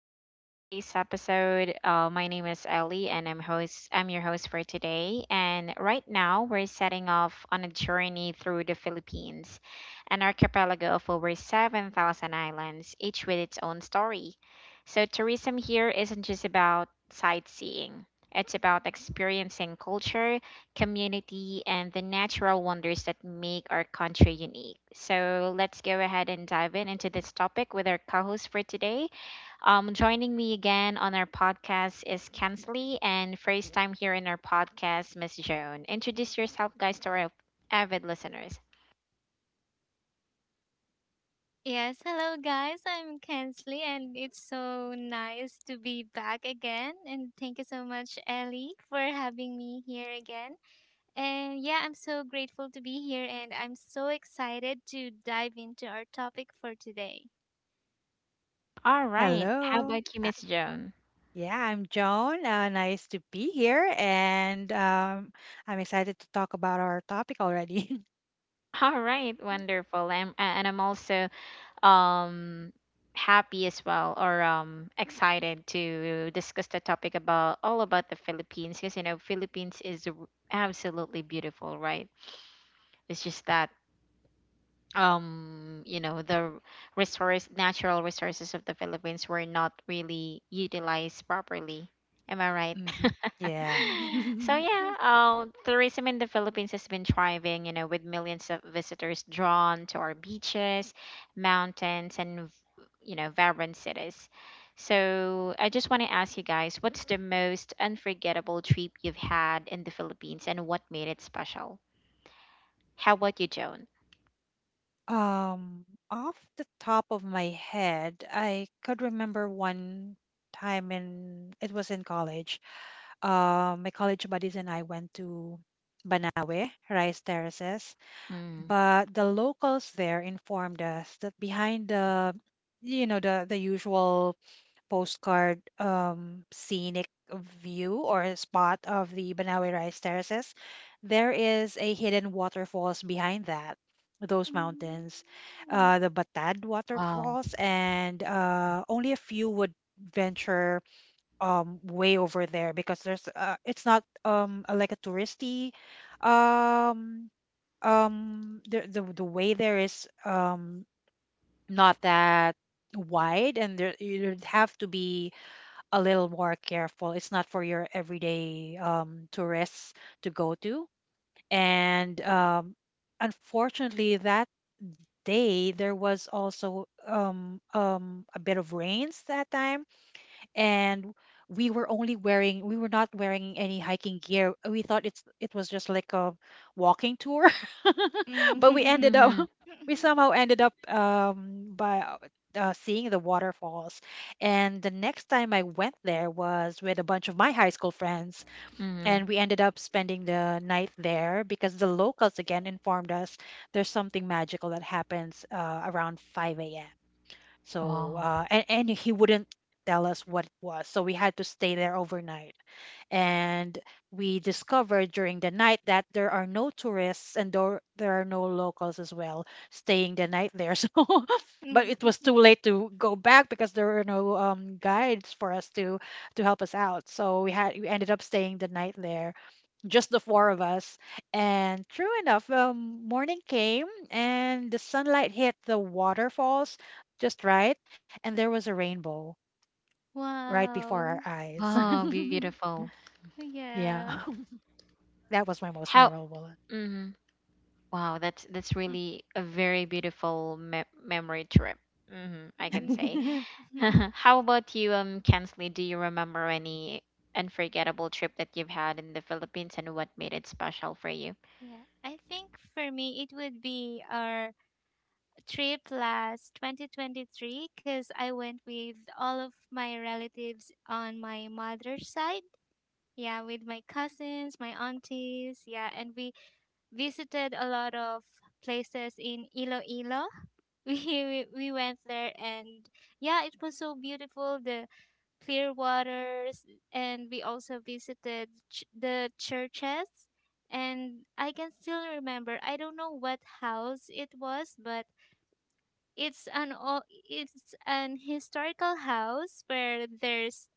welcome to today's episode. My name is Ellie, and I'm host. I'm your host for today. And right now, we're setting off on a journey through the Philippines, an archipelago of over 7,000 islands, each with its own story. So tourism here isn't just about sightseeing; it's about experiencing culture, community, and the natural wonders that make our country unique. So let's go ahead and dive in into this topic with our co-host for today. Joining me again on our podcast is Kensley, and first time here in our podcast, Miss Joan. Introduce yourself, guys, to our avid listeners. Yes, hello guys. I'm Kensley, and it's so nice to be back again. And thank you so much, Ellie, for having me here again. And yeah, I'm so grateful to be here, and I'm so excited to dive into our topic for today. All right. How Hello. about you, Miss Joan? Yeah, I'm Joan. Nice to be here, and I'm excited to talk about our topic already. All right. Wonderful. And I'm also um, happy as well, or excited to discuss the topic about all about the Philippines, because Philippines is absolutely beautiful, right? It's just that the resource natural resources of the Philippines were not really utilized properly. Am I right? Hmm. Yeah. So yeah, tourism in the Philippines has been thriving, you know, with millions of visitors drawn to our beaches, mountains, and you know vibrant cities. So I just want to ask you guys, what's the most unforgettable trip you've had in the Philippines, and what made it special? How about you, Joan? Um, off the top of my head, I could remember one time. In It was in college. My college buddies and I went to Banawe Rice Terraces, Mm, but the locals there informed us that behind the you know the usual postcard scenic view or spot of the Banawe Rice Terraces, there is a hidden waterfalls behind that those mountains, the Batad wow. waterfalls, and only a few would venture way over there, because there's it's not like a touristy um the way there is not that wide, and there you'd have to be a little more careful. It's not for your everyday tourists to go to. And unfortunately, that day there was also a bit of rains that time, and we were not wearing any hiking gear. We thought it was just like a walking tour, but we ended up Mhm, we somehow ended up by seeing the waterfalls. And the next time I went there was with a bunch of my high school friends, mhm. and we ended up spending the night there because the locals again informed us there's something magical that happens around 5 a.m. So, Wow. And he wouldn't tell us what it was. So we had to stay there overnight. And we discovered during the night that there are no tourists, and there are no locals as well staying the night there. So, but it was too late to go back, because there were no guides for us to help us out. So we ended up staying the night there, just the four of us. And true enough, morning came, and the sunlight hit the waterfalls just right, and there was a rainbow right before our Wow. eyes. Oh, beautiful. Yeah. Yeah. That was my most How memorable one. Mhm. Wow, that's really a very beautiful me memory trip. Mhm, I can say. Mm. How about you, Kensley? Do you remember any unforgettable trip that you've had in the Philippines and what made it special for you? Yeah, I think for me it would be our trip last 2023 because I went with all of my relatives on my mother's side. Yeah, with my cousins, my aunties. Yeah, and we visited a lot of places in Iloilo. We went there, and yeah, it was so beautiful, the clear waters. And we also visited the churches. And I can still remember, I don't know what house it was, but it's an o- it's an historical house where there's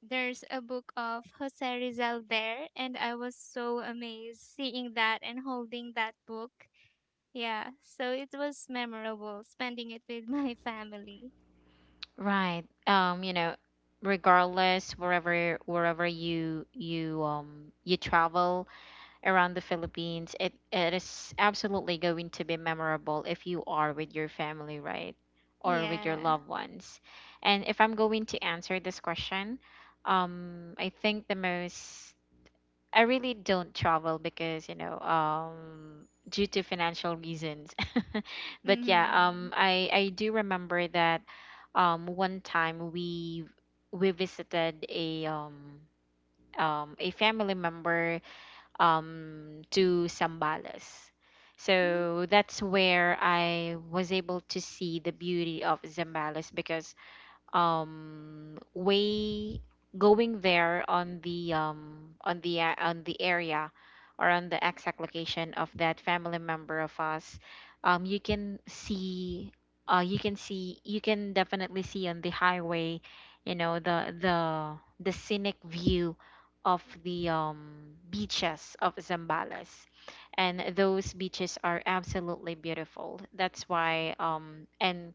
there's a book of Jose Rizal there, and I was so amazed seeing that and holding that book. Yeah, so it was memorable spending it with my family. Right. You know, regardless wherever you you travel, around the Philippines, it is absolutely going to be memorable if you are with your family, right? Or with your Yeah. loved ones. And if I'm going to answer this question, I think the most I really don't travel because, you know, due to financial reasons. But yeah, Mhm. I do remember that one time we visited a family member, to Zambales. So that's where I was able to see the beauty of Zambales because way going there on the on the on the area or on the exact location of that family member of us you can see you can definitely see on the highway the scenic view of the beaches of Zambales, and those beaches are absolutely beautiful. That's why and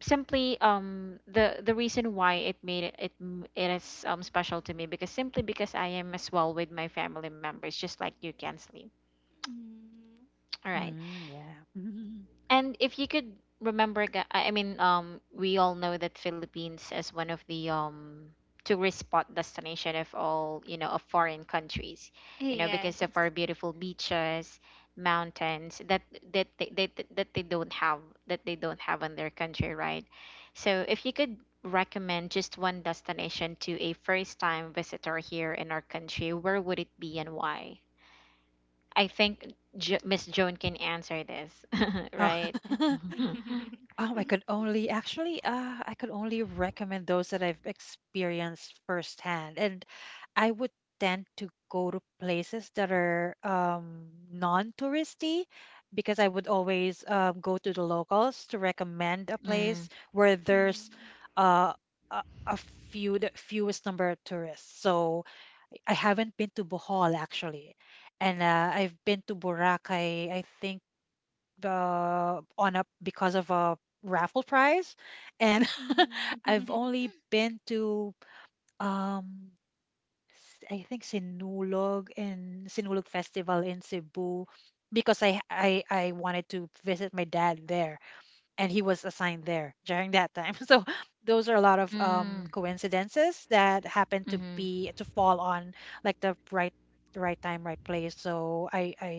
simply the reason why it made it is special to me, because simply because I am as well with my family members just like you, Kensley. Mm-hmm. All right. Mm, yeah. And if you could remember, we all know that Philippines is one of the tourist spot destination of all, you know, of foreign countries, you know, because of Yes. our beautiful beaches, mountains that they don't have, in their country, right? So if you could recommend just one destination to a first time visitor here in our country, where would it be and why? I think Miss Joan can answer this, right? Oh. Oh, I could only actually, I could only recommend those that I've experienced firsthand. And I would tend to go to places that are non-touristy, because I would always go to the locals to recommend a Mm, place where there's Mm. uh, the fewest number of tourists. So I haven't been to Bohol actually, and I've been to Boracay, I think on up because of a raffle prize, and Mm. I've only been to um I think Sinulog, and Sinulog Festival in Cebu, because I wanted to visit my dad there, and he was assigned there during that time. So those are a lot of mm, coincidences that happen mm-hmm, to fall on like the right time, right place. So I I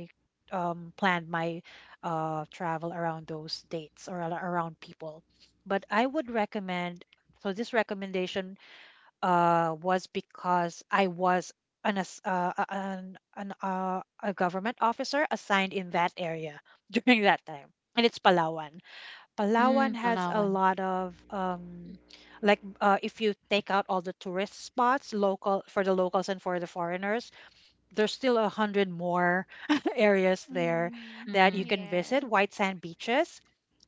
um planned my travel around those dates or around people. But I would recommend so this recommendation was because I was an ass- a- an a government officer assigned in that area during that time, and it's Palawan. Palawan mm, has a Palawan. lot of like, if you take out all the tourist spots local for the locals and for the foreigners, there's still a hundred more areas there Mm. that Mm-hmm. you can visit, Yes. white sand beaches.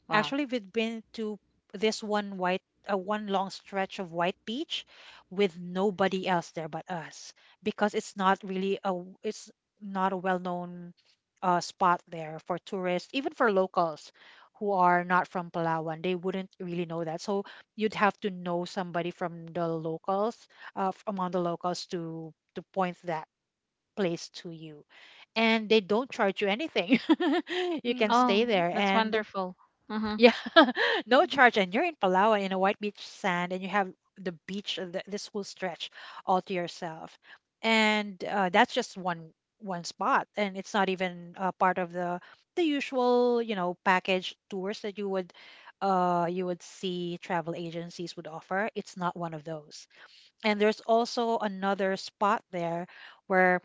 Wow. Actually, we've been to this one white, one long stretch of white beach with nobody else there but us, because it's not really it's not a well-known spot there for tourists, even for locals who are not from Palawan. They wouldn't really know that. So you'd have to know somebody from the locals, among the locals, to point that place to you, and they don't charge you anything. You can stay Oh, Mm. there, that's and wonderful. Uh-huh. yeah, no charge, and you're in Palawan in a white beach sand, and you have the beach, this whole stretch all to yourself, and that's just one spot, and it's not even part of the usual, package tours that you would see travel agencies would offer. It's not one of those, and there's also another spot there where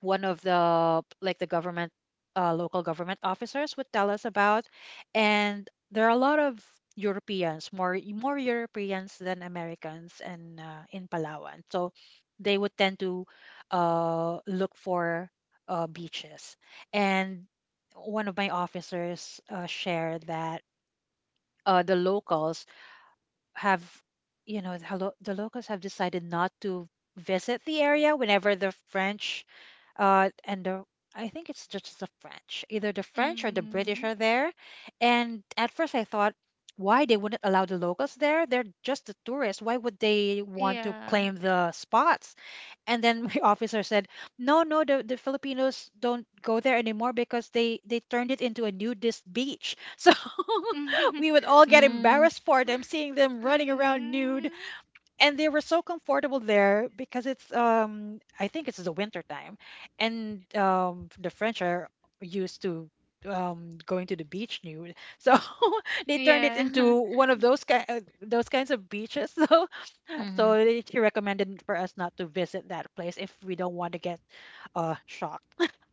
one of the like the government local government officers would tell us about. And there are a lot of Europeans, more Europeans than Americans, and in Palawan, so they would tend to look for beaches. And one of my officers shared that the locals have decided not to visit the area whenever the french and the I think it's just the French, either the French or the British Mm. are there. And at first I thought, why they wouldn't allow the locals there? They're just the tourists, why would they want to Yeah. claim the spots? And then my officer said, "No, no, the Filipinos don't go there anymore because they turned it into a nudist beach." So we would all get Mm, embarrassed for them, seeing them running around nude, Mm, and they were so comfortable there because it's I think it's the winter time, and the French are used to going to the beach nude, so they turned it yeah. into one of those those kinds of beaches, so mm-hmm. so she recommended for us not to visit that place if we don't want to get shocked.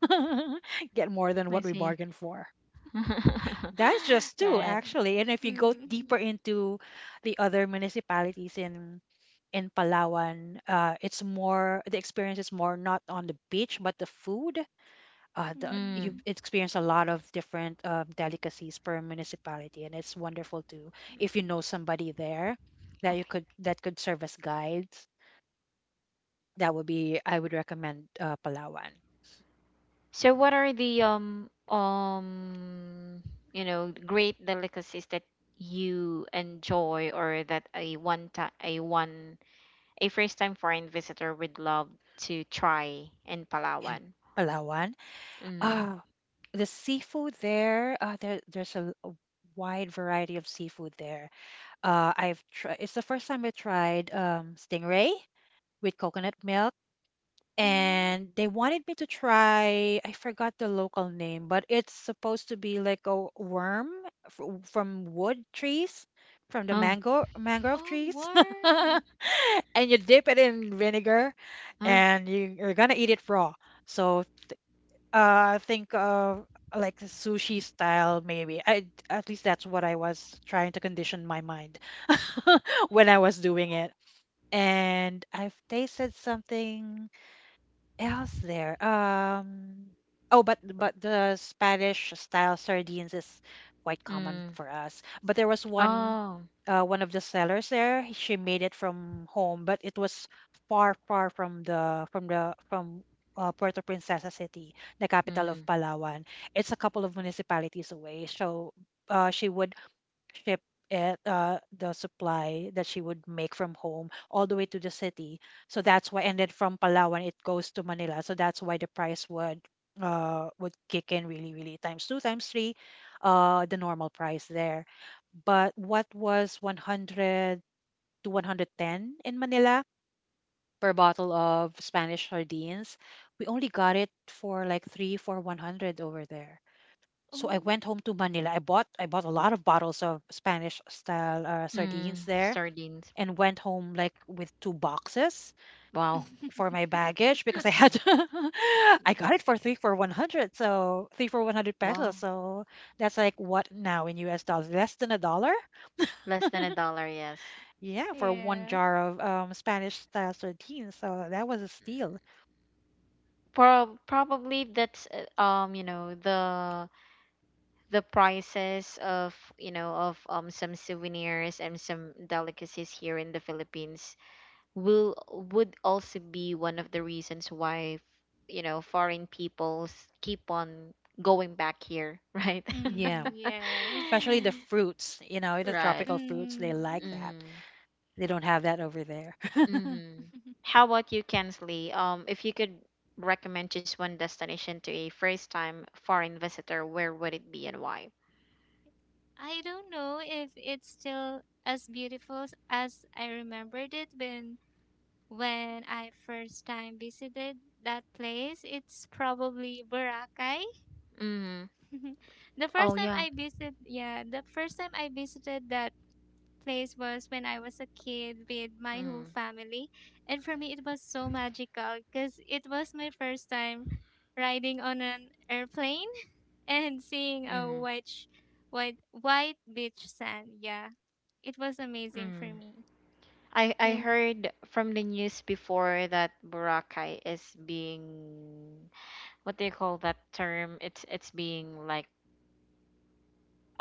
Get more than I what we see. bargained for. That's just two, Right. actually. And if you go Mm, deeper into the other municipalities in Palawan, it's more the experience is more not on the beach but the food. The Mm. You mm, experience a lot of different delicacies per municipality, and it's wonderful too if you know somebody there Okay. That could serve as guides. That would be I would recommend Palawan. So what are the you know great delicacies that you enjoy, or that a one time a one a first time foreign visitor would love to try in In Palawan. Palawan. Mm. Ah, the seafood there, there's a wide variety of seafood there. I've tried. It's the first time I tried stingray with coconut milk, mm. and they wanted me to try, I forgot the local name, but it's supposed to be like a worm, from wood trees, from the Oh, mango mangrove Oh, trees. warm. And you dip it in vinegar, huh? and you're gonna eat it raw, so think of like a sushi style, maybe. I at least that's what I was trying to condition my mind, when I was doing it. And I've tasted something else there? Oh, but the Spanish style sardines is quite common Mm. for us. But there was Oh, one of the sellers there. She made it from home, but it was far, far from Puerto Princesa City, the capital of mm. Palawan. It's a couple of municipalities away. So, she would ship it, the supply that she would make from home, all the way to the city. So that's why. And then from Palawan it goes to Manila, so that's why the price would kick in, really really, times two, times three the normal price there. But what was 100 to 110 in Manila per bottle of Spanish sardines, we only got it for like three for 100 over there. So I Oh. went home to Manila. I bought a lot of bottles of Spanish style sardines Mm. there, Sardines. and went home like with two boxes Wow. for my baggage, because I Mm. had. I got it for 3 for 100. So 3 for 100 pesos. Wow. So that's like, what now in US dollars, less than a dollar? Less than a dollar, yes. Yeah, for one Yeah. jar of Spanish style sardines. So that was a steal. Probably that's you know, the prices of, you know, of some souvenirs and some delicacies here in the Philippines will would also be one of the reasons why foreign peoples keep on going back here. Right. Yeah, Mm, yes. especially the fruits, the Right. tropical fruits, they like Mm. that. Mhm. They don't have that over there. Mhm. How about you, Kensley? If you could recommend just one destination to a first time foreign visitor, where would it be and why? I don't know if it's still as beautiful as I remembered it when I first time visited that place. It's probably Boracay. Mhm. Mhm. The Oh first time yeah. I visited, yeah, the first time I visited that place was when I was a kid with my whole Mm. family. And for me, it was so magical because it was my first time riding on an airplane and seeing a Mhm. white beach sand. Yeah, it was amazing for Mm. me. I And heard from the news before that Boracay is being, what do you call that term? It's being like,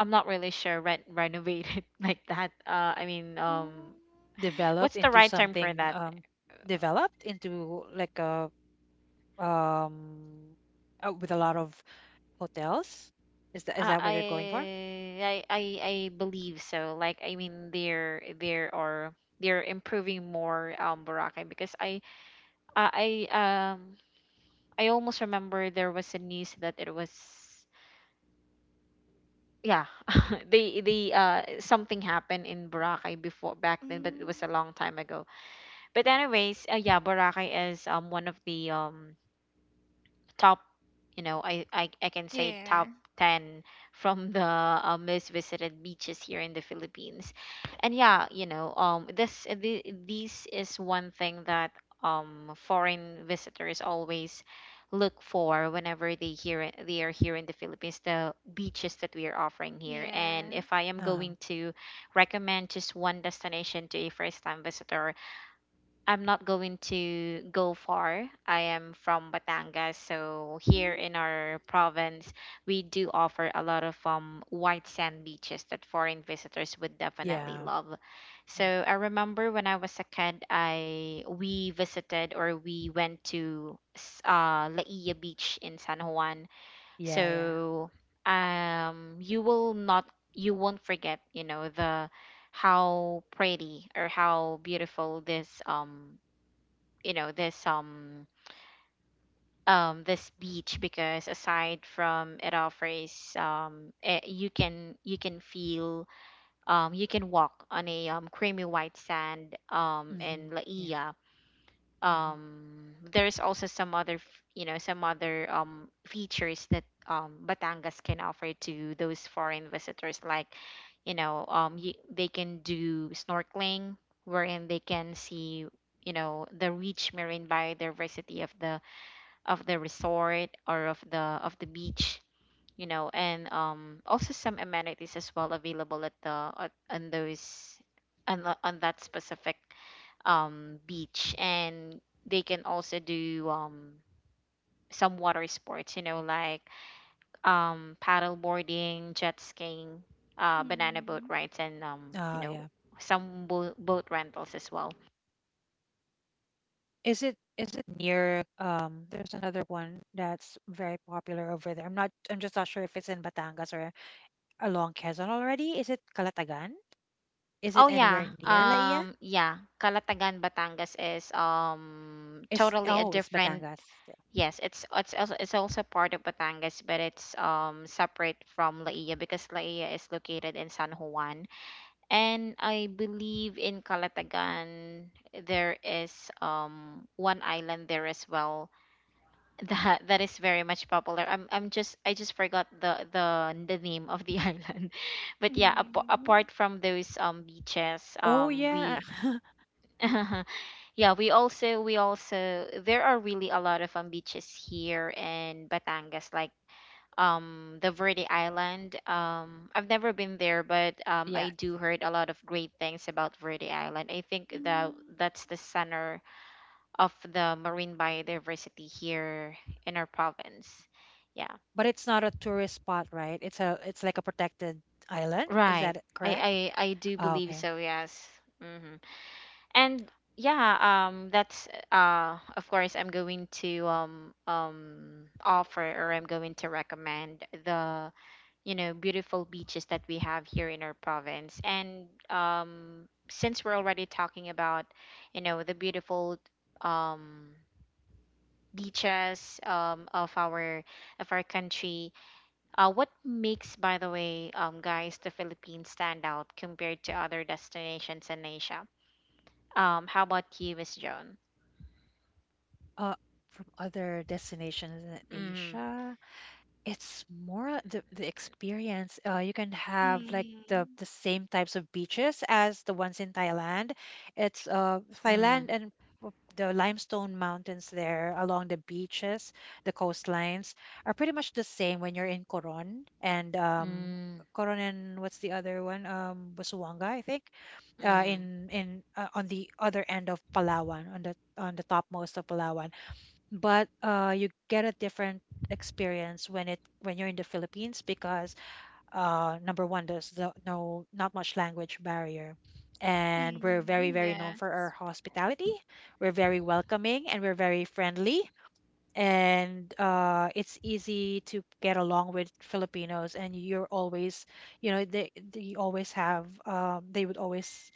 I'm not really sure, rent renovated like that. I mean, mm, Developed what's the into right term for something, that? Developed into like a, um with a lot of hotels. is that is I that what I you're going for? I believe so. Like I mean, they're improving more Boracay because I I um I almost remember there was a news that it was, yeah, they something happened in Boracay before back then, but mm, it was a long time ago. But anyways, yeah, Boracay is one of the top, you know, I can say top yeah, 10 from the most visited beaches here in the Philippines. And yeah, you know, this is one thing that foreign visitors always look for whenever they hear they are here in the Philippines, the beaches that we are offering here. And yeah. if I am going Uh-huh. to recommend just one destination to a first time visitor, I'm not going to go far. I am from Batangas, so here in Mm, our province, we do offer a lot of white sand beaches that foreign visitors would definitely Yeah. love. Hmm. So I remember when I was a kid, I we visited, or we went to Laia Beach in San Juan. Yeah, yeah. So you will not you won't forget, you know, the how pretty or how beautiful this you know this um this beach, because aside from it offers you can feel, you can walk on a creamy white sand in Hmm. Yeah. Laia. Hmm. There's also some other you know some other features that Batangas can offer to those foreign visitors, like, you know, they can do snorkeling, wherein they can see, you know, the rich marine biodiversity of the, of the resort, or of the beach, you know. And also some amenities as well available at on those on that specific beach. And they can also do some water sports, you know, like paddle boarding, jet skiing, banana boat rides, and Oh you yeah. know, some boat rentals as well. Is it near, there's another one that's very popular over there. I'm just not sure if it's in Batangas or along Quezon already. Is it Calatagan? Is it Oh anywhere yeah. near Laia? Yeah, Calatagan, Batangas is it's totally a oh it's different, Batangas. yes, it's also part of Batangas, but it's separate from Laia because Laia is located in San Juan. And I believe in Calatagan there is one island there as well that is very much popular. I just forgot the name of the island, but yeah, mm, apart mm, from those Oh beaches, yeah. We yeah we also there are really a lot of beaches here in Batangas, like the Verde Island. I've never been there, but Yes. I do heard a lot of great things about Verde Island. I think that mm. that's the center of the marine biodiversity here in our province. Yeah, But it's not a tourist spot, right? It's like a protected island. Is right. that correct? I do Oh, believe okay. so. Yes. Hmm. And yeah, that's of course, I'm going to offer, or I'm going to recommend the, you know, beautiful beaches that we have here in our province. And since we're already talking about, you know, the beautiful um beaches of our country, what makes, by the way, guys, the Philippines stand out compared to other destinations in Asia? How about you, Miss Joan? Uh, from other destinations in Mm, Asia. It's more the experience. You can have like the Mm. same types of beaches as the ones in Thailand. It's Thailand, mm, and the limestone mountains there along the beaches, the coastlines are pretty much the same when you're in Coron and mm, Coron, and what's the other one? Busuanga, I think. Mm. In On the other end of Palawan, on the topmost of Palawan, but you get a different experience when it when you're in the Philippines because, number one, there's no not much language barrier, and we're very Mm, very known for our yes. hospitality. We're very welcoming and we're very friendly, and it's easy to get along with Filipinos. And you're always, they always have they would always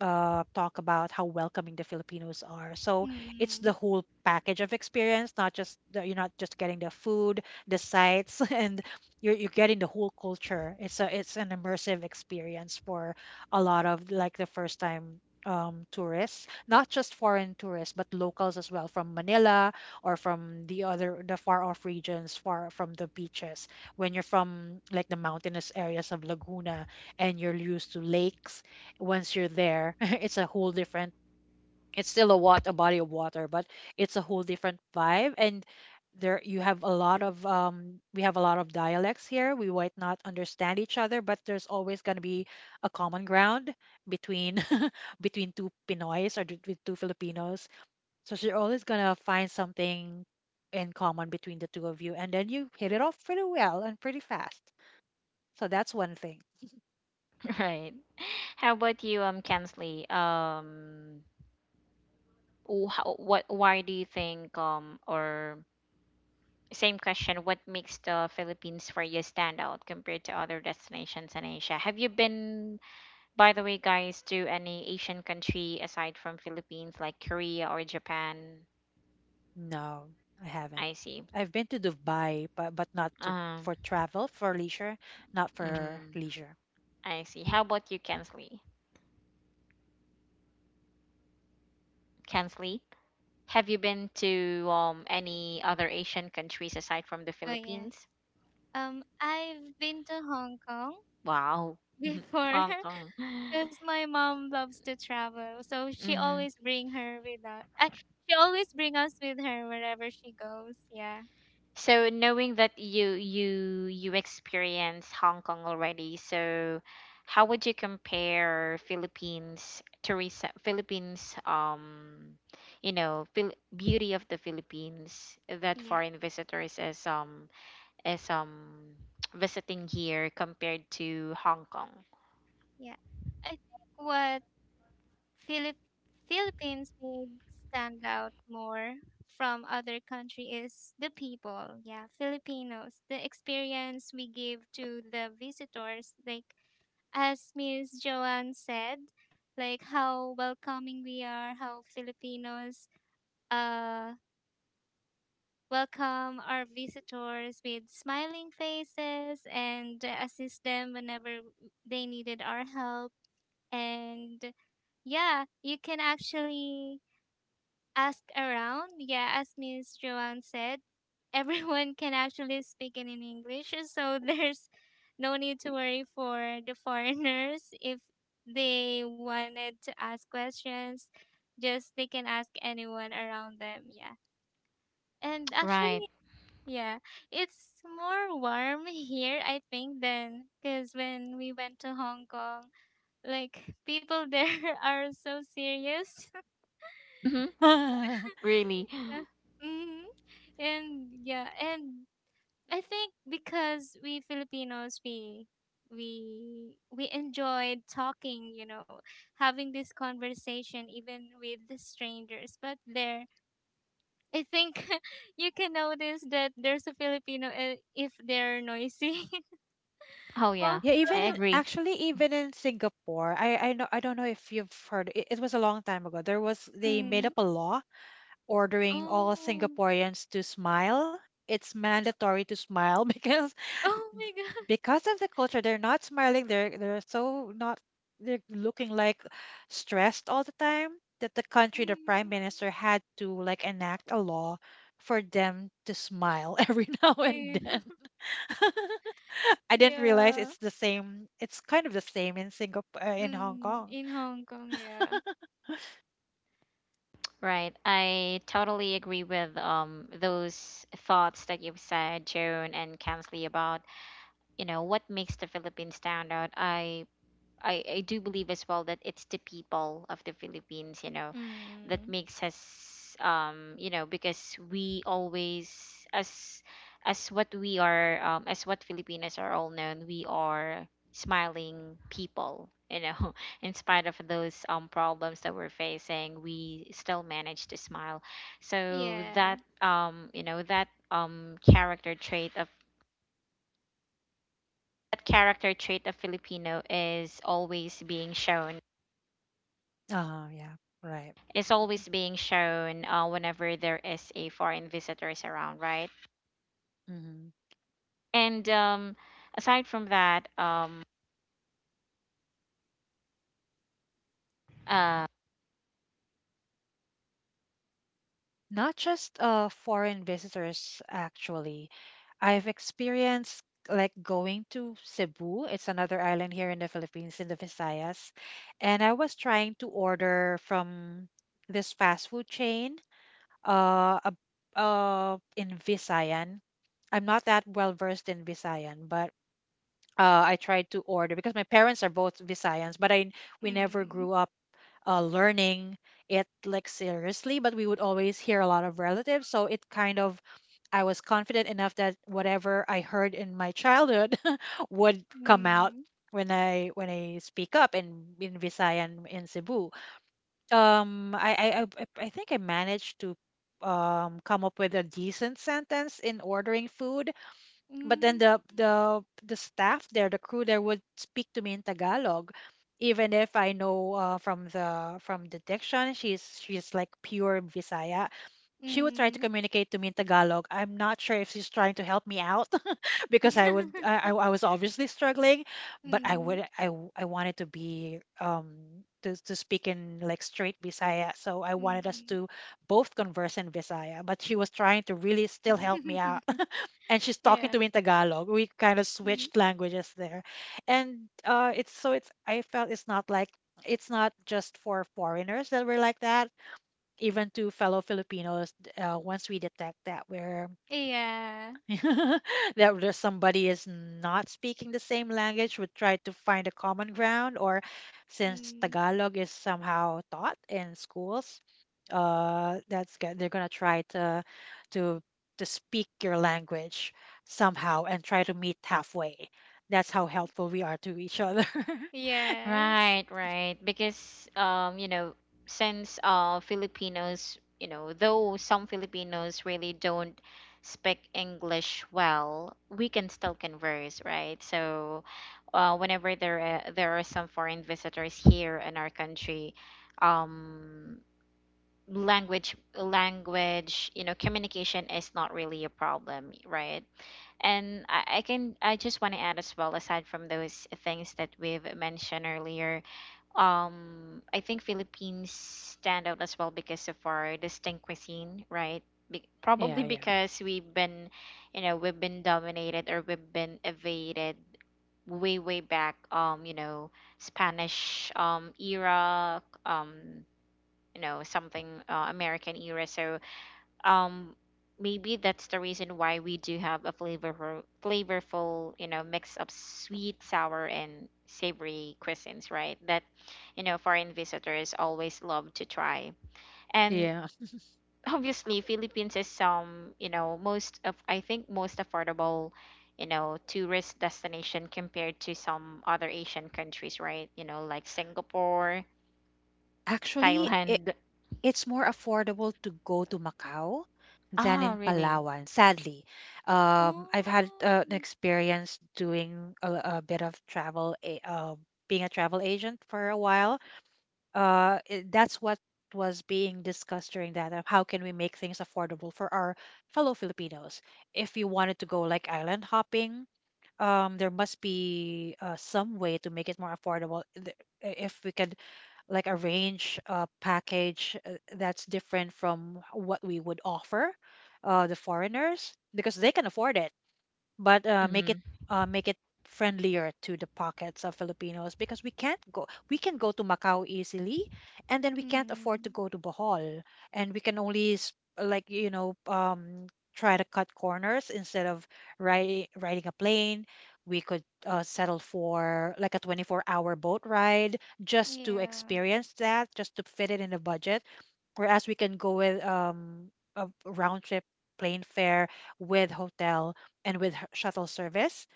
talk about how welcoming the Filipinos are. So it's the Mm. whole package of experience, not you're not just getting the food, the sights, and you're getting the whole culture. It's a it's an immersive experience for a lot of like the first time tourists, not just foreign tourists but locals as well from Manila, or from the far off regions, far from the beaches. When you're from like the mountainous areas of Laguna and you're used to lakes, once you're there it's a whole different, it's still a wat a body of water, but it's a whole different vibe. And there you have a lot of we have a lot of dialects here. We might not understand each other, but there's always going to be a common ground between between two Pinoys or between two Filipinos. So you're always going to find something in common between the two of you, and then you hit it off pretty well and pretty fast. So that's one thing. Right. How about you, Kensley? How, what, why do you think, or same question, what makes the Philippines for you stand out compared to other destinations in Asia? Have you been By the way, guys, do any Asian country aside from Philippines, like Korea or Japan? No, I I haven't. see. I've been to Dubai, but not to Um, for travel, for leisure, not for mm, leisure. I see. How about you, Kensley? Kensley, have you been to any other Asian countries aside from the Oh yeah. Philippines? I've been to Hong Kong Wow, before Hong Kong. because my mom loves to travel, so she always bring her with us. I she always bring us with her wherever she goes. Yeah, So knowing that you experience Hong Kong already, so how would you compare Philippines tourism, Philippines beauty of the Philippines that yeah, foreign visitors as as um visiting here compared to Hong Kong? yeah. I think what. Philip Philippines made stand out more from other country is the people. Yeah, Filipinos. The experience we give to the visitors, like as Miss Joanne said, like how welcoming we are, how Filipinos uh welcome our visitors with smiling faces and assist them whenever they needed our help. And yeah, you can actually ask around. Yeah, as Miss Joanne said, everyone can actually speak in English, so there's no need to worry for the foreigners if they wanted to ask questions. Just they can ask anyone around them. Yeah, and Right. actually, yeah, it's more warm here, I think, than because when we went to Hong Kong, like people there are so serious. Mm-hmm. Really. Yeah. Hmm. And yeah, and I think because we Filipinos we enjoyed talking, you know, having this conversation even with the strangers. But there, I think you can notice that there's a Filipino, if they're noisy. Oh Most yeah, Yeah, I even of- in, agree. actually even in Singapore, I know, I don't know if you've heard it, it was a long time ago. There was They made mm, up a law ordering all oh Singaporeans to smile. It's mandatory to smile because oh my god. Of the culture they're not smiling, they're so not they're looking like stressed all the time, that the country, the prime Mm, minister, had to like enact a law for them to smile every now eh, and then. I didn't realize yeah. it's the same, it's kind of the same in Singapore, in Hong Mm, Kong. in Hong Kong, yeah. Right. I totally agree with those thoughts that you've said, Joan and Kansley, about, you know, what makes the Philippines stand out. I do believe as well that it's the people of the Philippines, you know, that Mm, makes us you know, because we always as what we are as what Filipinos are all known, we are smiling people, you know, in spite of those problems that we're facing, we still manage to smile. So yeah. that you know, that character trait of Filipino is always being shown Oh yeah, right. is always being shown whenever there is a foreign visitors around, right? Hmm. And aside from that, uh, Not just foreign visitors, actually. I've experienced like going to Cebu. It's another island here in the Philippines, in the Visayas. And I was trying to order from this fast food chain uh, ab- in Visayan. I'm not that well versed in Visayan, but I tried to order because my parents are both Visayans, but I we never Mm. grew up learning it like seriously, but we would always hear a lot of relatives. So it kind of, I was confident enough that whatever I heard in my childhood would come out Mm. when I speak up in Visayan in Cebu. I think I managed to come up with a decent sentence in ordering food, but then Mm, the staff there, the crew there, would speak to me in Tagalog, even if I know, from the diction, she's like pure Visaya. She would try to mm. communicate to me in Tagalog. I'm not sure if she's trying to help me out because I was obviously struggling, but I Mm, would I w- I wanted to be to speak in like straight Visaya, so I mm, wanted us mm. to both converse in Visaya, but she was trying to really still help me out, and she's talking Yeah. to me in Tagalog. We kind of Mm. switched languages there, and it's so it's, I felt it's not like, it's not just for foreigners that we're like that. Even to fellow Filipinos, once we detect that we're Yeah. that there's somebody is not speaking the same language, would try to find a common ground, or since Mm. Tagalog is somehow taught in schools, that's they're gonna try to to to speak your language somehow and try to meet halfway. That's how y- helpful we are to each other. Yes. right, right, because you know, since Filipinos, you know, though some Filipinos really don't speak English well, we can still converse, right? So, whenever there are some foreign visitors here in our country, um language, you know, communication is not really a problem, right? And I can I just want to add as well aside from those things that we've mentioned earlier. I think Philippines stand out as well because of our distinct cuisine, right? Probably Yeah, yeah, because we've been, you know, we've been dominated or we've been evaded way back, you know, Spanish era, you know, something American era. So um maybe that's the reason why we do have a flavorful, you know, mix of sweet, sour, and savory cuisines, right? That, you know, foreign visitors always love to try. And yeah. obviously, Philippines is some, you know, most of, I think, most affordable, you know, tourist destination compared to some other Asian countries, right? You know, like Singapore, Actually Thailand. it's more affordable to go to Macau than Ah, in really? Palawan. Sadly, I've had an Oh. experience doing a bit of travel, being a travel agent for a while. That's what was being discussed during that, of how can we make things affordable for our fellow Filipinos. If you wanted to go like island hopping, there must be some way to make it more affordable. If we can like arrange a package that's different from what we would offer the foreigners, because they can afford it, but Hmm. Make it friendlier to the pockets of Filipinos, because we can't go we can go to Macau easily and then we can't afford to Mm. go to Bohol, and we can only like, try to cut corners. Instead of riding a plane, we could settle for like a 24-hour boat ride, just to Yeah. experience that, just to fit it in the budget, whereas we can go with a round trip plane fare with hotel and with shuttle service,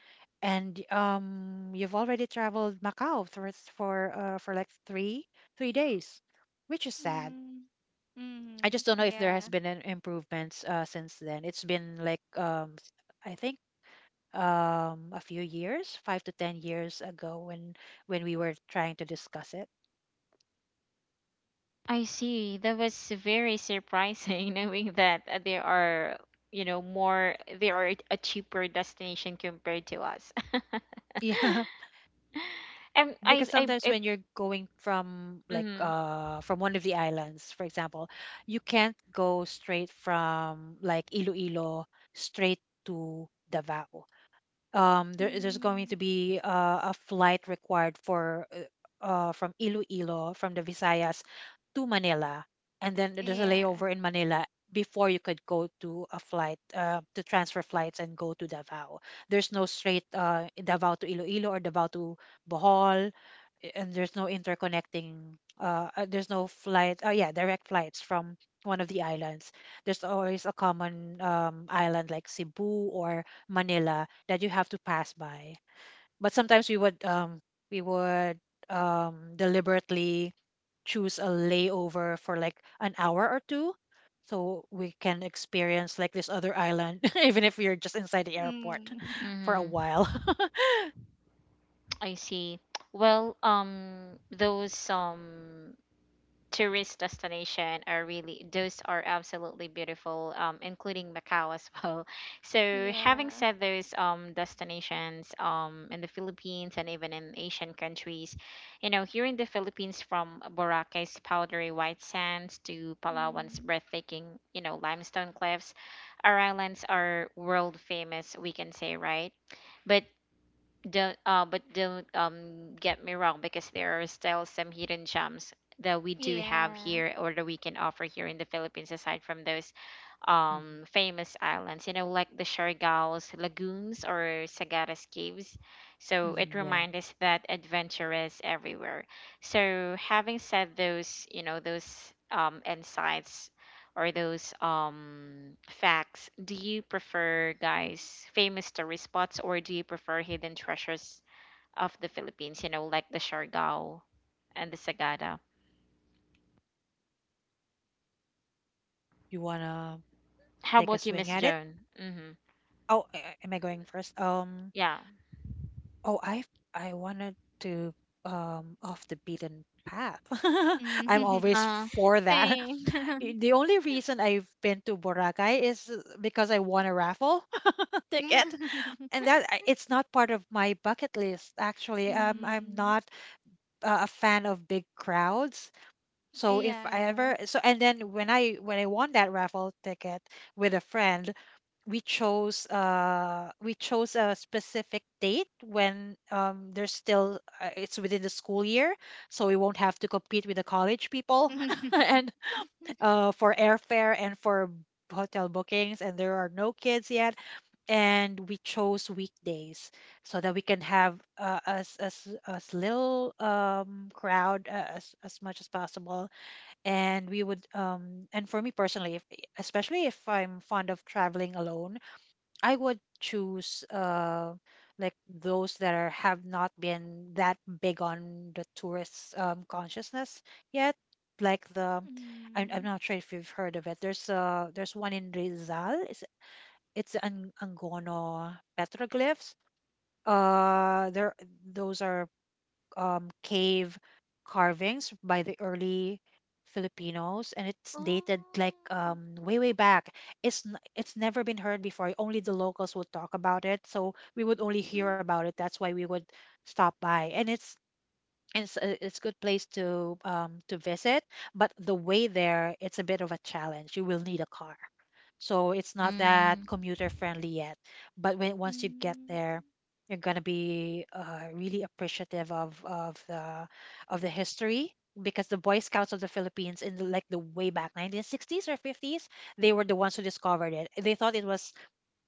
and you've already traveled Macau for like 3 days, which is sad. Mm. I just Mm. don't know if there has Yeah. been an improvements since then. It's been like s- I think a few years 5 to 10 years ago, when we were trying to discuss it. I see. That was very surprising knowing that there are, you know, more, there are a cheaper destination compared to us. Yeah, And because sometimes I, when you're going from like mm-hmm, from one of the islands, for example, you can't go straight from like Iloilo straight to Davao. There's going to Mm. be a flight required for from Iloilo, from the Visayas, to Manila, and then there's a Yeah. layover in Manila before you could go to a flight to transfer flights and go to Davao. There's no straight Davao to Iloilo, or Davao to Bohol. And there's no interconnecting there's no flight, oh yeah, direct flights from one of the islands. There's always a common island like Cebu or Manila that you have to pass by. But sometimes we would we would deliberately choose a layover for like an hour or two, so we can experience like this other island even if you're just inside the airport Mm. for a mm-hmm, while. I see. Well, those tourist destination are really those are absolutely beautiful, including Macau as well. So having Yeah. said those destinations in the Philippines and even in Asian countries, you know, here in the Philippines, from Boracay's powdery white sands to Palawan's Mm. breathtaking, you know, limestone cliffs, our islands are world famous, we can say, right? But don't get me wrong, because there are still some hidden gems that we do have Yeah. here or that we can offer here in the Philippines aside from those Hmm. famous islands, you know, like the Siargao's lagoons or Sagadas caves. So it Hmm. Yeah, reminds us that adventure is everywhere. So having said those, you know, those insights or those facts, do you prefer guys famous tourist spots, or do you prefer hidden treasures of the Philippines, you know, like the Siargao and the Sagada? you wanna How take a about you, swing Miss at it. Joan? Mhm. Oh, am I going first? Yeah. oh, I I wanted to off the beaten path. I'm Mm. always uh for that. Same. The only reason I've been to Boracay is because I won a raffle ticket, and it's not part of my bucket list. Actually, I'm Mm. not a fan of big crowds. So if I Yeah. ever, so and then when I won that raffle ticket with a friend, we chose we chose a specific date when there's still it's within the school year, so we won't have to compete with the college people and for airfare and for hotel bookings, and there are no kids yet, and we chose weekdays, so that we can have as little crowd as much as possible. And we would and for me personally, if, especially if I'm fond of traveling alone, I would choose like those that are have not been that big on the tourist consciousness yet. Like the, I'm อืม not sure if you've heard of it. There's one in Rizal. It's an Angono petroglyphs. There Those are cave carvings by the early Filipinos, and it's dated like, Oh. Way way back. It's it's never been heard before. Only the locals would talk about it, so we would only hear about it. อืม That's why we would stop by. And it's it's good place to visit, but the way there it's a bit of a challenge, you will need a car, so it's not that mm, commuter friendly yet. But when อืม once you get there, you're going to be really appreciative of of the history, because the Boy Scouts of the Philippines in the, like the way back 1960s or 50s, they were the ones who discovered it. They thought it was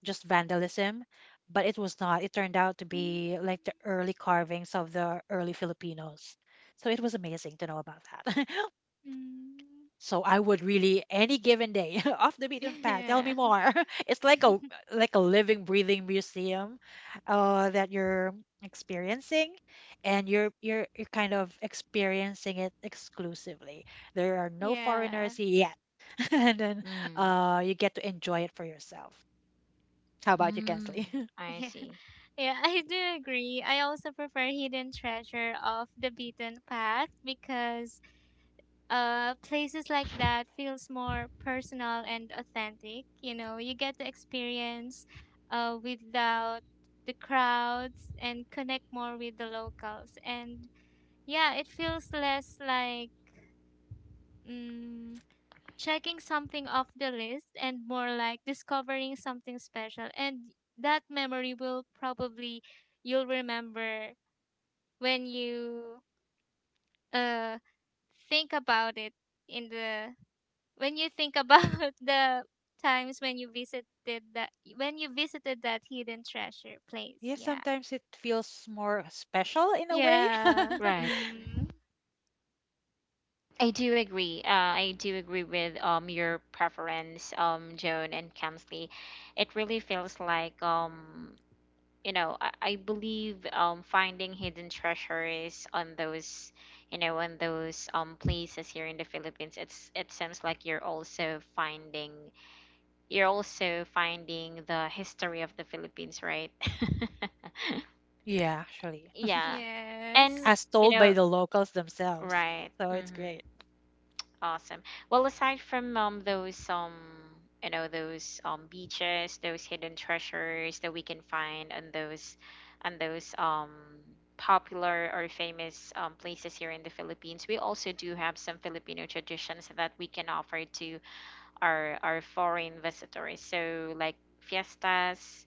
just vandalism, but it was not. It turned out to อืม be like the early carvings of the early Filipinos. So it was amazing to know about that. อืม So I would really, any given day, off the beaten path. Tell me Yeah. more. It's like a living, breathing museum that you're experiencing, and you're kind of experiencing it exclusively. There are no Yeah. foreigners yet, and then Hmm. You get to enjoy it for yourself. How about you, Mm, Kensley? I Yeah. see. Yeah, I do agree. I also prefer Hidden Treasure of the Beaten Path because places like that feels more personal and authentic. You know, you get the experience without the crowds and connect more with the locals. And yeah, it feels less like, mm, checking something off the list, and more like discovering something special. And that memory will probably, you'll remember when you uh think about it, in the when you think about the times when you visited that, hidden treasure place. Yeah, Yeah. sometimes it feels more special in a way. Yeah. Right. Mm. I do agree. I do agree with your preference, Joan and Kamsley. It really feels like you know, I believe finding hidden treasures on those, you know, on those places here in the Philippines. It's it seems like you're also finding, you're also finding the history of the Philippines, right? Yeah, actually, Yeah, Yes. and as you told by know, the locals themselves. right. So it's Mm-hmm. great. Awesome. Well, aside from those you know, those beaches, those hidden treasures that we can find on those, on those popular or famous places here in the Philippines, we also do have some Filipino traditions that we can offer to our foreign visitors. So like fiestas,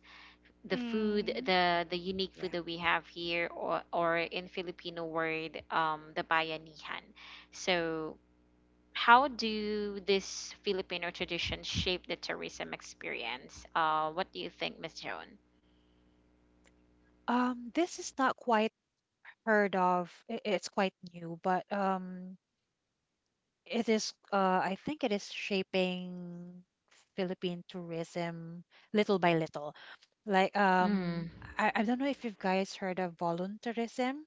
the food, Mm. the unique food Yeah. that we have here, or in Filipino word, the bayanihan. So how do this Filipino tradition shape the tourism experience? What do you think, Miss Joan? This is not quite heard of. It's quite new, but it is. I think it is shaping Philippine tourism little by little. Like Mm, I don't know if you've guys heard of volunteerism,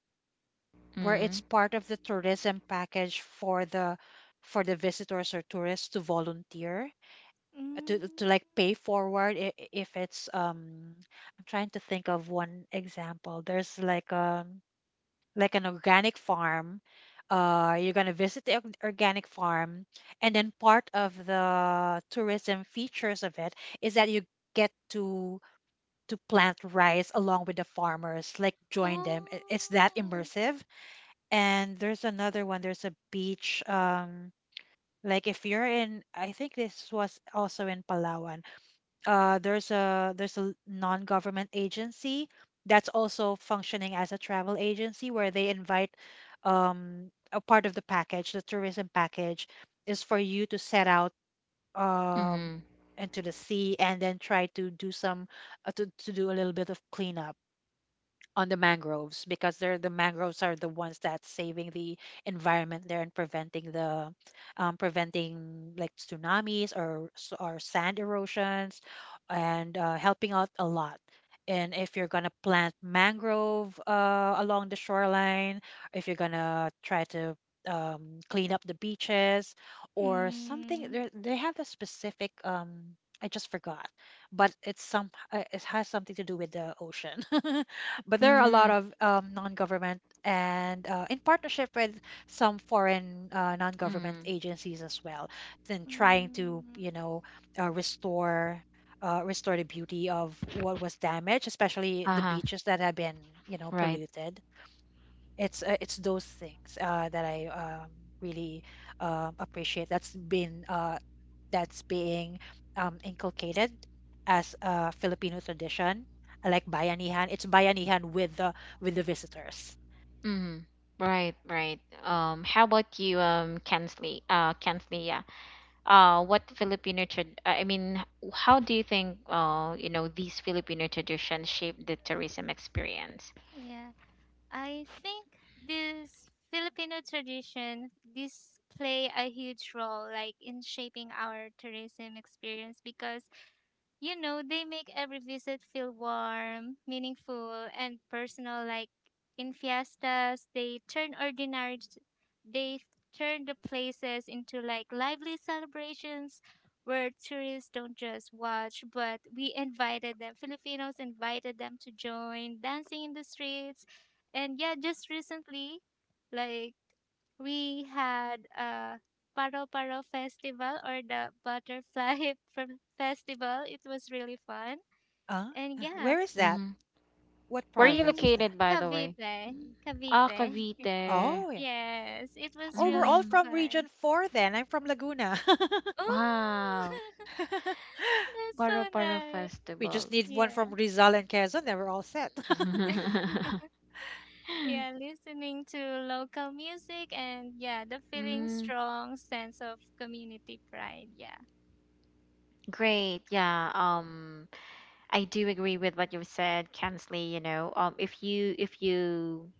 where mm, it's part of the tourism package for the visitors or tourists to volunteer, Mm. to like pay forward if it's I'm trying to think of one example. There's like a like an organic farm. You're gonna visit the organic farm, and then part of the tourism features of it is that you get to plant rice along with the farmers, like join them. It's Oh, that immersive, and there's another one. There's a beach. Like if you're in, I think this was also in Palawan. There's a non-government agency that's also functioning as a travel agency where they invite a part of the package, the tourism package, is for you to set out um mm, into the sea and then try to do some to do a little bit of cleanup on the mangroves because the mangroves are the ones that's saving the environment there and preventing the preventing like tsunamis or sand erosions, and helping out a lot. And if you're gonna plant mangrove along the shoreline, if you're gonna try to clean up the beaches or something, mm, there they have a specific I just forgot, but it's some it has something to do with the ocean. But there are a lot mm, of non-government and in partnership with some foreign non-government mm. agencies as well, then trying to, mm, you know, restore, restore the beauty of what was damaged, especially the Uh-huh, beaches that have been, you know, right. polluted. It's those things that I really appreciate. That's being inculcated as a Filipino tradition. I like bayanihan. It's bayanihan with the visitors. Mm, right, right. How about you, Kensley? Kensley, yeah. I mean, how do you think, you know, these Filipino traditions shape the tourism experience? yeah. I think this Filipino tradition, this play a huge role, like in shaping our tourism experience, because you know, they make every visit feel warm, meaningful, and personal. Like in fiestas, they turn the places into like lively celebrations where tourists don't just watch, but we invited them, Filipinos invited them to join dancing in the streets. And yeah, just recently, like we had a Paro Paro Festival, or the Butterfly from Festival. It was really fun. Uh, And yeah, where is that? Mm-hmm. What Where are you province in is that? located, by the way? Cavite, Ah, Cavite. Cavite. Oh yeah. Yes, it was Oh, we're really all Mm, from fun. Region Four. Then I'm from Laguna. Oh, wow, that's so Paro-Paro nice. We Festival. just need one Yeah. from Rizal and Quezon. Then we're all set. Yeah, listening to local music and yeah, the feeling Mm, strong sense of community pride. Yeah. great. Yeah, I do agree with what you've said, Kensley, you know. If you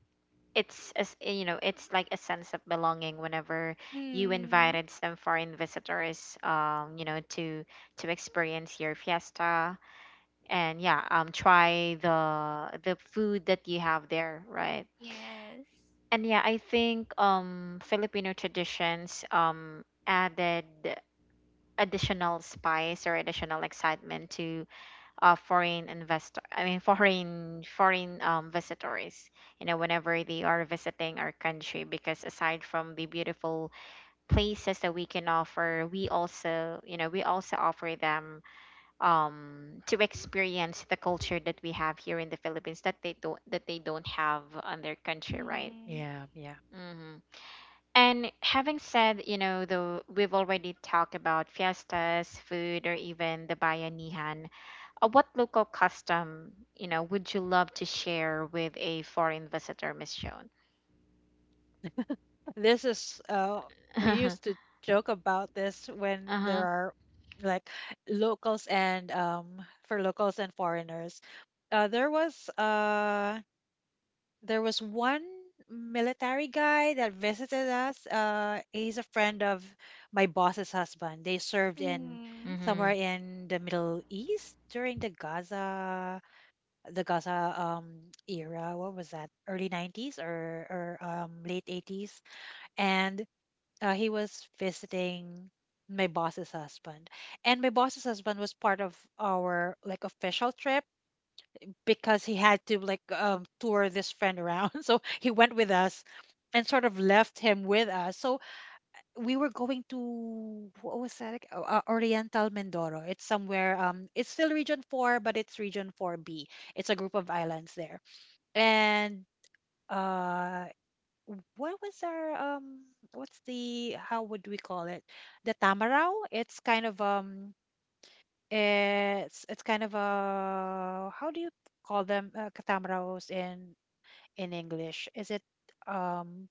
it's, as you know, it's like a sense of belonging whenever you Mm. invited some foreign visitors, you know, to experience your fiesta, and yeah, try the food that you have there, right? Yes. And yeah, I think Filipino traditions added additional spice or additional excitement to foreign investor I mean foreign visitors, you know, whenever they are visiting our country, because aside from the beautiful places that we can offer, we also, you know, we also offer them, to experience the culture that we have here in the Philippines that they don't, that they don't have on their country, right? Mm. Yeah, yeah. Hmm. And having said, you know, though we've already talked about fiestas, food, or even the bayanihan, what local custom, you know, would you love to share with a foreign visitor, Miss Joan? This is we Uh-huh. used to joke about this when there are like locals and for locals and foreigners. Uh there was uh there was one military guy that visited us. He's a friend of my boss's husband. They served in Mm. Mm-hmm. somewhere in the Middle East during the Gaza era. What was that? Early 90s or late 80s, and he was visiting my boss's husband, and my boss's husband was part of our like official trip because he had to like tour this friend around so he went with us and sort of left him with us. So we were going to what was that Oriental Mindoro. It's somewhere it's still Region 4, but it's Region 4b. It's a group of islands there, and uh what was our what's the how would we call it? The tamaraw? It's kind of a, how do you call them, tamarows in English? Is it um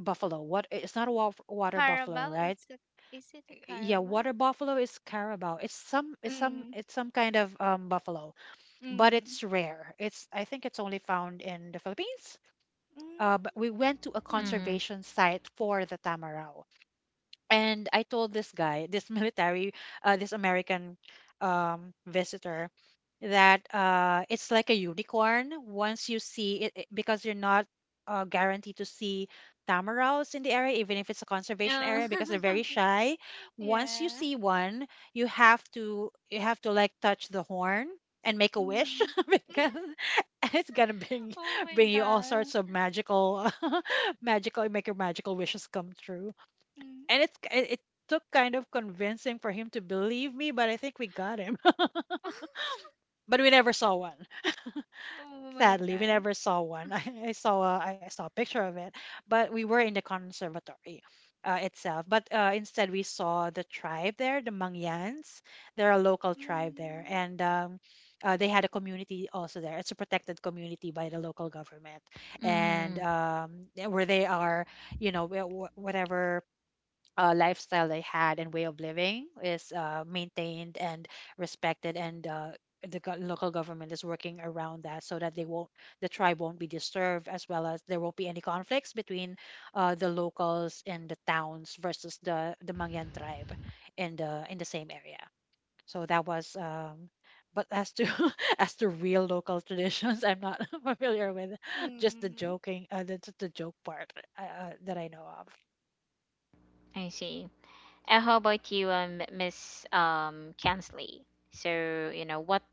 buffalo? What, it's not a water buffalo, Carabao right? Is it a Yeah, Carabao? water buffalo is carabao. It's some Mm. Kind of buffalo, but Mm. it's rare. It's, I think it's only found in the Philippines. But we went to a Mm. Mm-hmm. conservation site for the tamaraw. And I told this guy, this military, this American, visitor, that it's like a unicorn. Once you see it, because you're not guaranteed to see tamarouses in the area, even if it's a conservation area, because they're Oh. very shy. Once you Yeah. see one, you have to like touch the horn and make a wish Mm. because it's gonna Oh my bring you all sorts god. of magical magical, make your magical wishes come true. Mm. And it took kind of convincing for him to believe me, but I think we got him. But we never saw one. Oh my Sadly, we god. never saw one. I saw a picture of it, but we were in the conservatory itself. But instead, we saw the tribe there, the Mangyans. They're a local tribe there, Mm. and they had a community also there. It's a protected community by the local government, Mm-hmm. and where they are, you know, whatever lifestyle they had and way of living is maintained and respected, and local government is working around that so that they won't the tribe won't be disturbed, as well as there won't be any conflicts between the locals in the towns versus the Mangyan tribe in the same area. So that was but as to as to real local traditions, I'm not familiar with, just the Mm. joking, the joke part, that I know of. I see. And how about you, Miss Kansley? So, you know,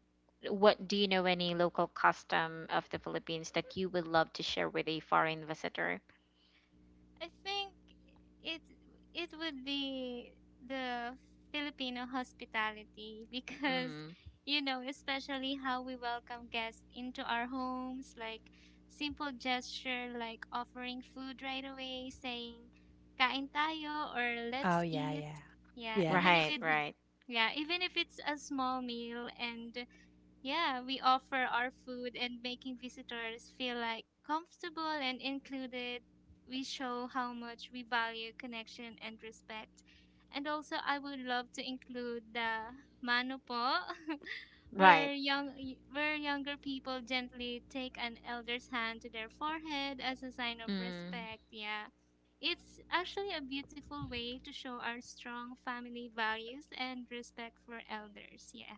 what do you know any local custom of the Philippines that you would love to share with a foreign visitor? I think it it would be the Filipino hospitality because Mm. you know, especially how we welcome guests into our homes, like simple gesture like offering food right away, saying kain tayo, or let's Oh, yeah, eat. yeah. Yeah, Yeah. even if Right, it's, right. yeah, even if it's a small meal, and yeah, we offer our food and making visitors feel like comfortable and included. We show how much we value connection and respect. And also, I would love to include the mano po, where Right. Where younger people gently take an elder's hand to their forehead as a sign of Mm. respect. Yeah. It's actually a beautiful way to show our strong family values and respect for elders. Yeah.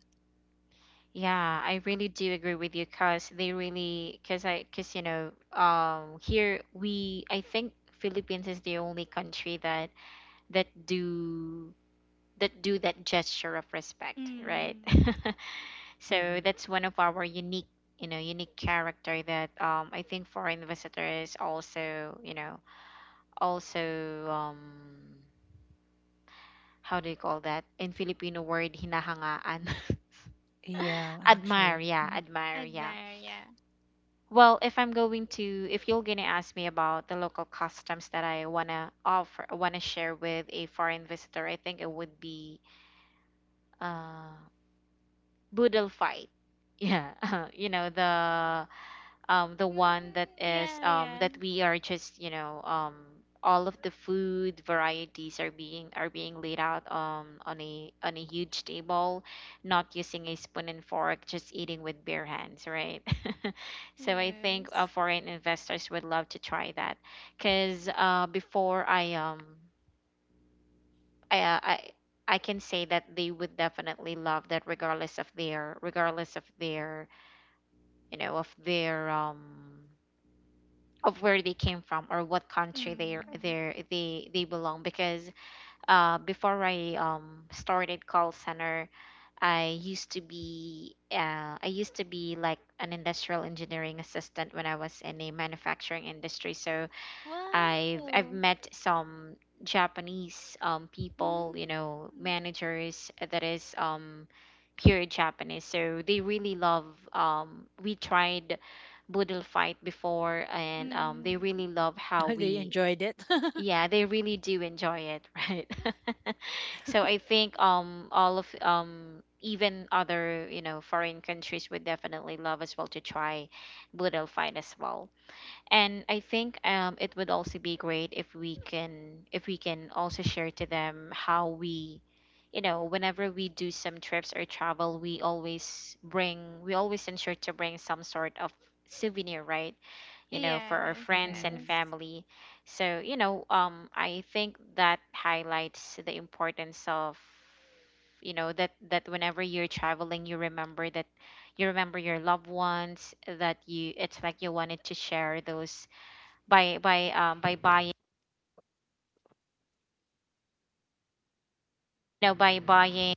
Yeah, I really do agree with you, because they really, because I, because you know, here we, I think Philippines is the only country that that do that do that gesture of respect, right? Mm. So Mhm. that's one of our unique, you know, unique character that I think foreign visitors also, you know, also, um how do you call that in Filipino word, hinahangaan. Yeah, Admire, actually. yeah, Mm. admire, yeah. Admire, yeah. Well, if you're going to ask me about the local customs that I want to offer, want to share with a foreign visitor, I think it would be uh boodle fight, yeah. You know, the one that Mm, is yeah, yeah. that we are just, you know, all of the food varieties are being laid out on a huge table, not using a spoon and fork, just eating with bare hands, right? So I think Yes. Foreign investors would love to try that, because before I uh, I I can say that they would definitely love that, regardless of their you know, of their of where they came from or what country they Mm. they they they belong, because before I started call center, I used to be like an industrial engineering assistant when I was in a manufacturing industry. So I've Wow. met some Japanese people, you know, Mm. managers that is pure Japanese. So they really love, we tried Boodle fight before, and they Mm. really love how They we, enjoyed it. yeah, they really do enjoy it, right? So I think all of, even other, you know, foreign countries would definitely love as well to try Boodle fight as well. And I think, it would also be great if we can, if we can also share to them how we, you know, whenever we do some trips or travel, we always bring, we always ensure to bring some sort of souvenir, right? You know, for our Yes, friends and Mm. yes. family. So you know, I think that highlights the importance of, you know, that that whenever you're traveling, you remember that, you remember your loved ones, that you, it's like you wanted to share those by buying you know, by buying,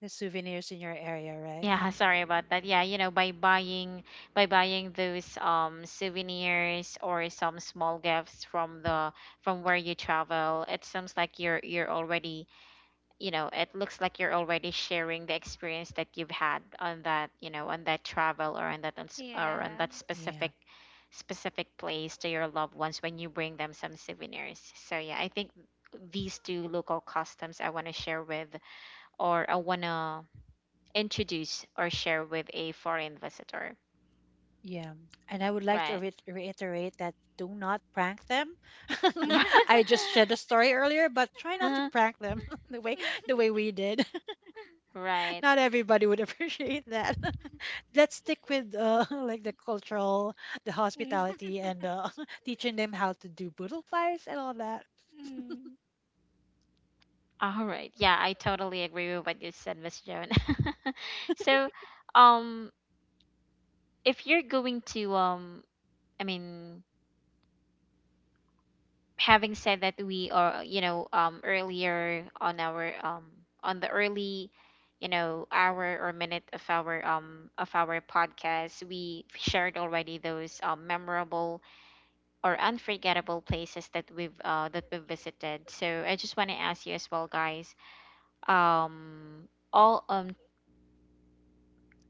The souvenirs in your area, right? yeah sorry about that, yeah, you know, by buying those souvenirs or some small gifts from, the from where you travel, it seems like you're already, you know, it looks like you're already sharing the experience that you've had on that, you know, on that travel or on that uns- or on Yeah. that Yeah. specific, specific place to your loved ones when you bring them some souvenirs. So yeah, I think these two local customs I want to share with or I want to introduce or share with a foreign visitor. Yeah. And I would like to Right. Reiterate that do not prank them. I just shared a story earlier, but try not to Uh, prank them the way the way we did. right. Not everybody would appreciate that. Let's stick with like the cultural, the hospitality, and teaching them how to do boodle fires and all that. Mm. All right. Yeah, I totally agree with what you said, Miss Joan. So, um, if you're going to, I mean, having said that, we are, you know, earlier on our, on the early, you know, hour or minute of our podcast, we shared already those, memorable or unforgettable places that we've visited. So I just want to ask you as well, guys. Um, all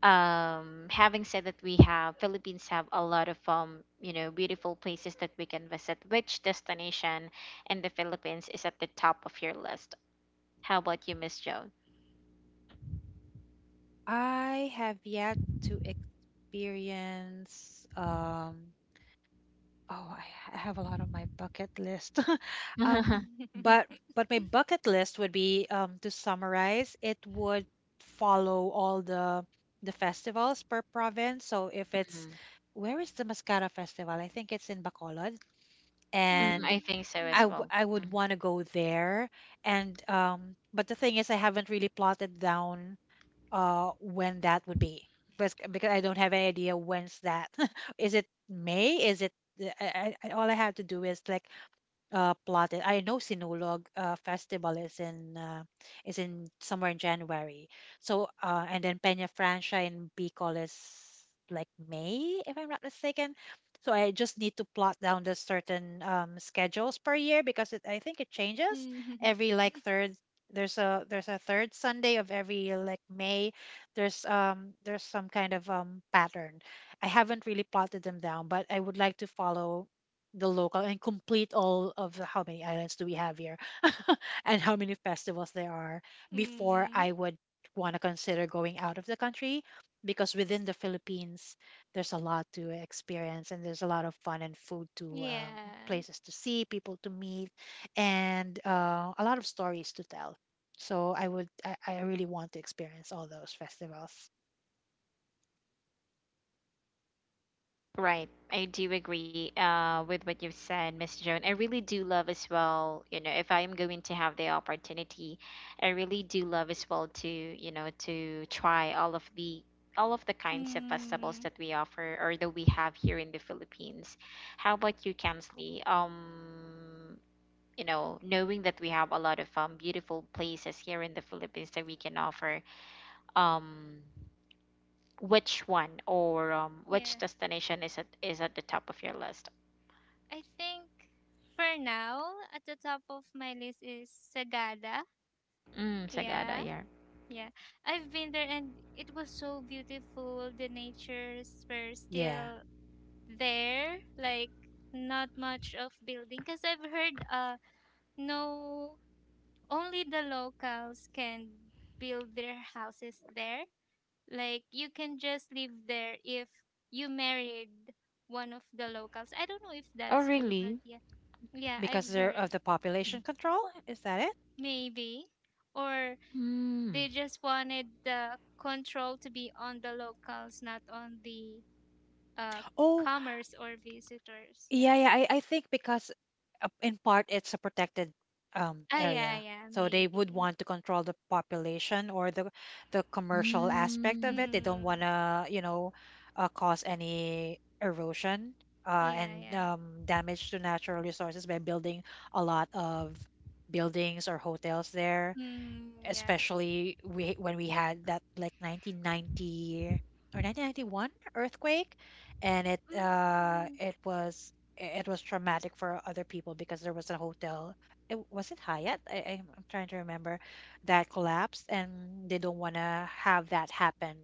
having said that we have Philippines have a lot of you know beautiful places that we can visit, which destination in the Philippines is at the top of your list? How about you, Miss Joan? I have yet to experience oh I I have a lot on my bucket list. um Mm. but my bucket list would be to summarize, it would follow all the festivals per province. So if it's Mm, where is the Mascara Festival? I think it's in Bacolod, mm, I and Mm. think so Mm. as well. I would Mm. want to go there, and but the thing is I haven't really plotted down when that would be, because I don't have any idea when's that. Is it May? Is it all I have to do is like plotted. I know Sinulog festival is in somewhere in January. So and then Peña Francia in Bicol is like May, if I'm not mistaken. So I just need to plot down the certain schedules per year because it, I think it changes every like third. There's a third Sunday of every like May. There's some kind of pattern. I haven't really plotted them down, but I would like to follow the local and complete all of the how many islands do we have here and how many festivals there are before Mm. I would want to consider going out of the country because within the Philippines there's a lot to experience, and there's a lot of fun and food to Yeah. places to see, people to meet, and a lot of stories to tell. So I would, I really want to experience all those festivals. Right. I do agree, with what you've said, Miss Joan. I really do love as well if I am going to have the opportunity, I really do love as well to try all of the kinds of festivals Mm. that we offer or that we have here in the Philippines. How about you, Kensley? Knowing that we have a lot of beautiful places here in the Philippines that we can offer. Um, which one or which Yeah. destination is at the top of your list? I think for now, at the top of my list is Sagada. Mm, Sagada, Yeah. yeah. Yeah, I've been there and it was so beautiful. The natures were Yeah, still there, like not much of building. Cause I've heard, no, only the locals can build their houses there. Like you can just live there if you married one of the locals. I don't know if Oh, that's true, but really? yeah, yeah, because I've they're heard. of the population control, is that it? Maybe. Or they Hmm. just wanted the control to be on the locals, not on the uh Oh. commerce or visitors. Yeah, Yeah. yeah. I think because in part it's a protected Ah, yeah, area. yeah, So they would maybe. want to control the population or the commercial aspect of Mm. it. They don't want Mm, to, cause any erosion uh, yeah, and yeah. um, damage to natural resources by building a lot of buildings or hotels there, Mm, yeah. especially we when we had that like 1990 or 1991 earthquake. And it Mm, uh mm, it was it was traumatic for other people because there was a hotel. Was it Hyatt? I'm trying to remember, that collapsed, and they don't want to have that happen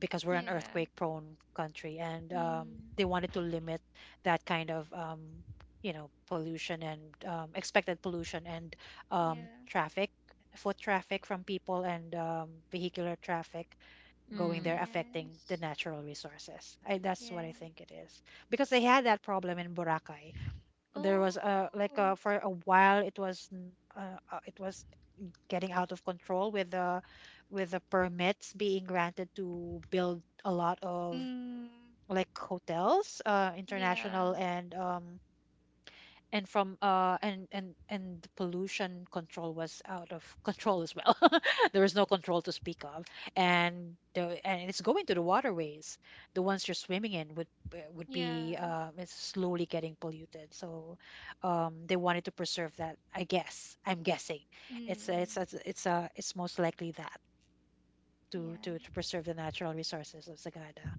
because we're an yeah. earthquake prone country. And Mm, They wanted to limit that kind of pollution and expected pollution and yeah. traffic, foot traffic from people, and vehicular traffic going there, Mm. affecting the Yes. natural resources. That's what I Yeah. think it is, because they had that problem in Boracay. There was a like Oh. For a while it was it was getting out of control with the permits being granted to build a lot of Mm, like hotels, yeah. international, and from and the pollution control was out of control as well. There was no control to speak of, and it's going to the waterways. The ones you're swimming in would Yeah. be it's slowly getting polluted. So they wanted to preserve that, I guess, I'm guessing. it's it's Mm, it's it's, uh, it's most likely that, yeah. To preserve the natural resources of Sagada.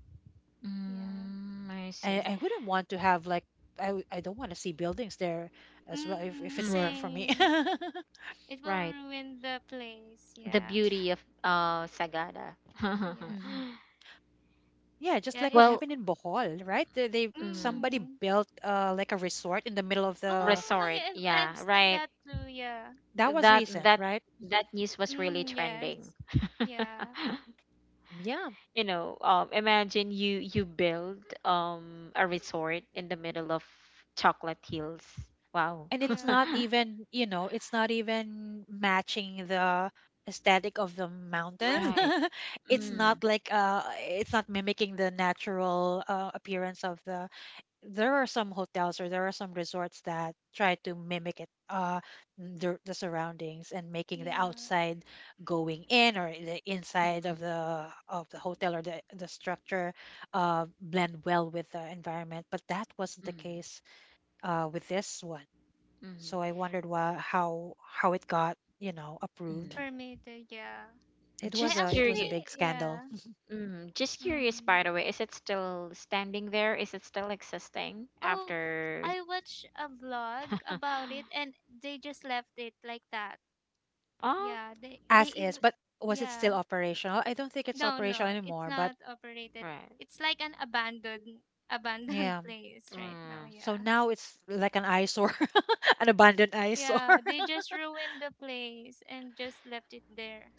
Yeah. Mm. I see. I wouldn't want to have like I don't want to see buildings there as well, if Mm, it were Mm. for me. same. It will Right. ruin the place. The Yeah. beauty of Sagada. Yeah. Hmm. Yeah, just Yeah, like what it's Well, happened in Bohol, right? They mm, somebody mm. built like a resort in the middle of the— Oh, resort. I've Yeah, seen right. that too. Yeah. that was That recent, that right? that news was really Mm, trending. yes. Yeah. Yeah. Imagine you build a resort in the middle of Chocolate Hills. Wow. And it's Yeah. not even, you know, it's not even matching the aesthetic of the mountains. Right. It's Mm, Mm, not like it's not mimicking the natural appearance of the— there are some hotels, or there are some resorts that try to mimic it the surroundings, and making the yeah. outside going in, or the inside mm, of the hotel or the structure blend well with the environment. But that wasn't the mm, case with this one. mm, So I wondered why, how it got, you know, approved. mm. Permitted. Yeah. It I was Just a, it was a curious. actually big scandal. yeah. Just curious, Mm. by the way, is it still standing there? Is it still existing Oh, after? I watched a vlog about it, and they just left it like that. Oh. Yeah, they As is, even but was it still yeah. operational? I don't think it's No, operational no, it's anymore, but not operated. Right. It's like an abandoned yeah. place right Mm. now. So Yeah. now it's like an eyesore, an abandoned eyesore. Yeah, they just ruined the place and just left it there.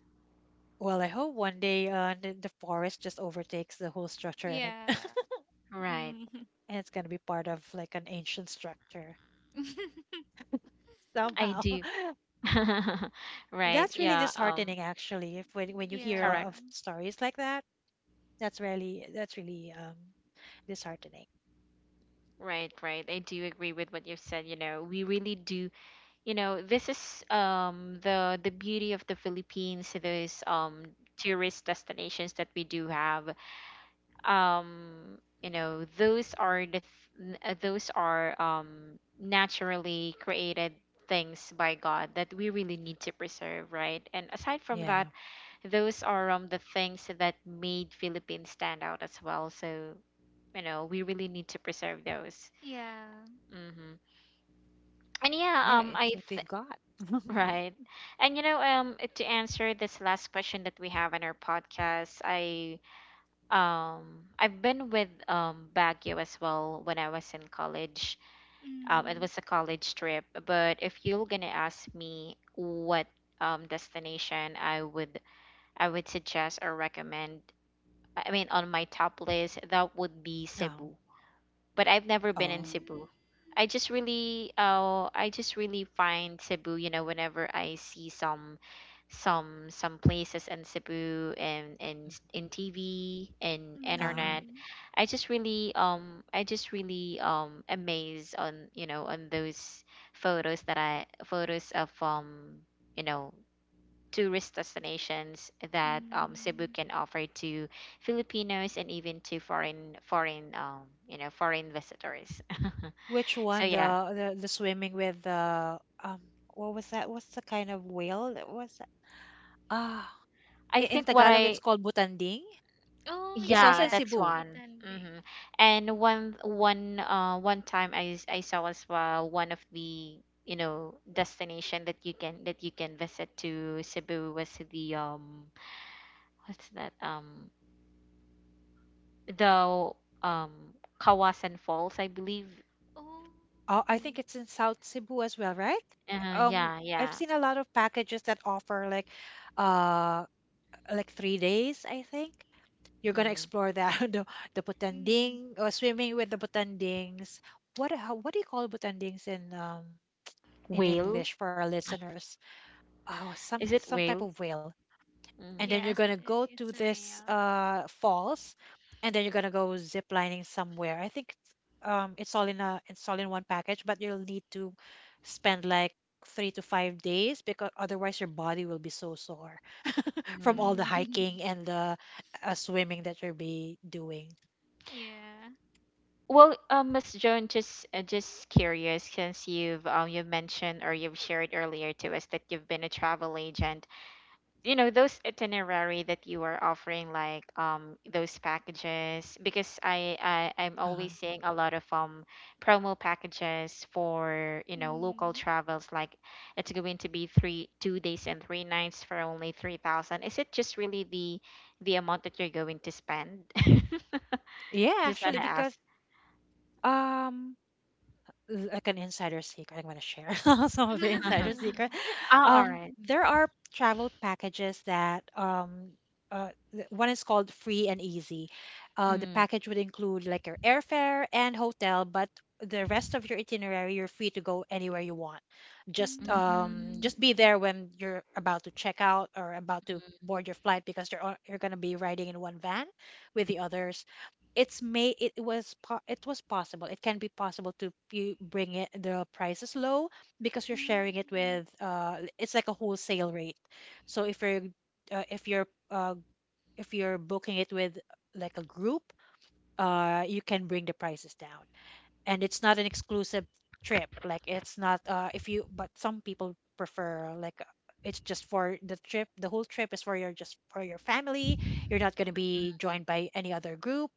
Well, I hope one day the forest just overtakes the whole structure and Yeah. it Right. Mm. and it's gonna be part of like an ancient structure I somehow. do. Right. That's really Yeah. Disheartening, actually. If when when you hear o- Yeah. of Correct. stories like that, that's really that's really disheartening. Right. I do agree with what you said, we really do. This is the beauty of the Philippines, those tourist destinations that we do have. Those are the th- n- those are naturally created things by God that we really need to preserve, right? And aside from that, Yeah, those are the things that made Philippines stand out as well. So we really need to preserve those. Yeah. Hmm. And yeah. yeah, it's what we've got. Right. And to answer this last question that we have in our podcast, I've been with Baguio as well when I was in college. It Mm. was a college trip, but if you're going to ask me what destination I would suggest or recommend, I mean, on my top list, that would be Oh, Cebu, but I've never been in oh, Cebu. Mm. I just really find Cebu, whenever I see some places in Cebu and mhm. In TV and Ah. internet, Mm. I just really amazed on those photos that I photos of you know tourist destinations that Cebu Mm. can offer to Filipinos and even to foreign foreign you know foreign visitors. Which So one? yeah, The swimming with the um what was that? What's the kind of whale that was that? Ah, I I- in think, what Tagalog it's I called butanding. Oh, It's yeah, also yeah, in yeah. that's Cebu. one. Botanic. Hmm. And one time I saw as well one of the destination that you can visit to Cebu was the, what's that, the um Kawasan Falls I believe. Oh. Oh, I think it's in South Cebu as well, right? Um, Yeah, I've yeah. seen a lot of packages that offer uh, like 3 days. I think you're gonna Mm. explore that the Mm. butanding or swimming with the butandings. What how, what do you call butandings in Whale? English for our listeners? Oh, Is it some whale? type of whale, and Mm. then you're Yes, gonna go it's to a this real. Falls, and then you're gonna go zip lining somewhere, I think. It's all in a, it's all in one package, but you'll need to spend like 3 to 5 days, because otherwise your body will be so sore from Mm. all the Mm. hiking and the swimming that you'll be doing. Yeah. Well, Miss Joan, just curious, since you mentioned or you've shared earlier to us that you've been a travel agent. You know those itinerary that you are offering, like those packages, because I'm always Uh-huh. seeing a lot of promo packages for local Mm. travels, like it's going to be 3, 2 days and three nights for only 3,000. Is it just really the amount that you're going to spend? Yeah, Just actually, wanna because ask. um, l- like an insider secret. I'm going to share some of the insider secret. Ah, alright. There are travel packages that uh, th- one is called free and easy. The Mm. package would include like your airfare and hotel, but the rest of your itinerary, you're free to go anywhere you want. Mm. Mm. Just be there when you're about to check out or about to Mm. board your flight, because you're going to be riding in one van with the others. It was po- it was possible, it can be possible to, you bring it the prices low because you're sharing it Mm. with, uh, it's like a wholesale rate. So uh, if you're uh, if you're booking it with like a group, you can bring the prices down. And it's not an exclusive trip, like it's not, if you— but some people prefer, it's just for the trip, the whole trip is for your, just for your family, you're not going to be joined by any other group,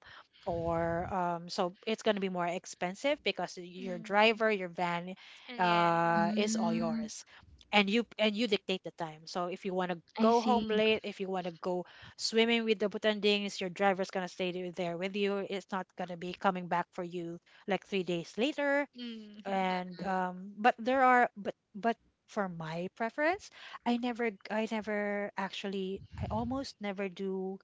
or so it's going to be more expensive because your Mm. driver, your van Yes. Is all Mm. yours. And you, and you dictate the time. So if you want to I go home see. late, if you want to go swimming with the butandings, your driver's going to stay there with you, it's not going to be coming back for you like 3 days later. Mm. And but there are, but for my preference, I never actually, I almost never do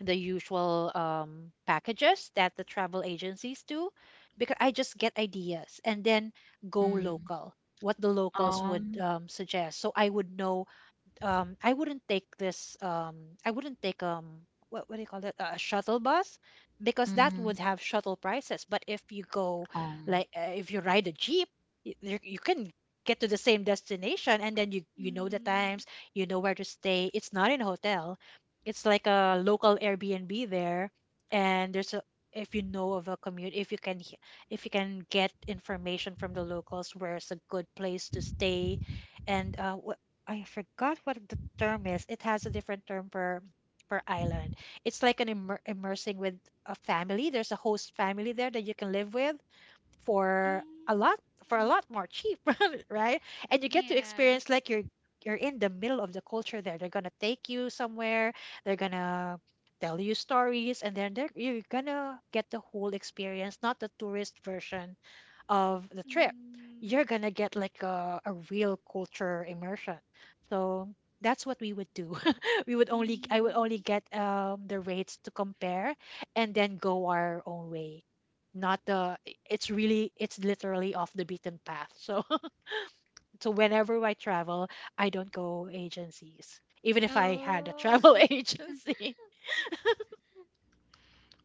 the usual packages that the travel agencies do, because I just get ideas and then go Mm. local. What the locals would, Um. Suggest, so I would know. um I wouldn't take this um I wouldn't take what do you call that, a shuttle bus, because that Mm. would have shuttle prices. But if you go Um. If you ride a jeep, you can get to the same destination, and then you know the Mm. times, you know where to stay. It's not in a hotel, it's like a local Airbnb there. And there's a, if you know of a commute, if you can get information from the locals, where's a good place to stay. And I forgot what the term is. It has a different term per per island. It's like an immersing with a family. There's a host family there that you can live with for a lot, for a Mm. lot more cheap, right? And you get to Yeah. experience like you're in the middle of the culture there. They're gonna take you somewhere. They're gonna tell you stories, and then you're gonna get the whole experience, not the tourist version of the trip, Mm. you're gonna get like a real culture immersion. So that's what we would do. We would only, I would Mm. only get the rates to compare, and then go our own way. Not the, it's really, it's literally off the beaten path. So so whenever I travel, I don't go agencies. Even if I had a Oh. travel agency.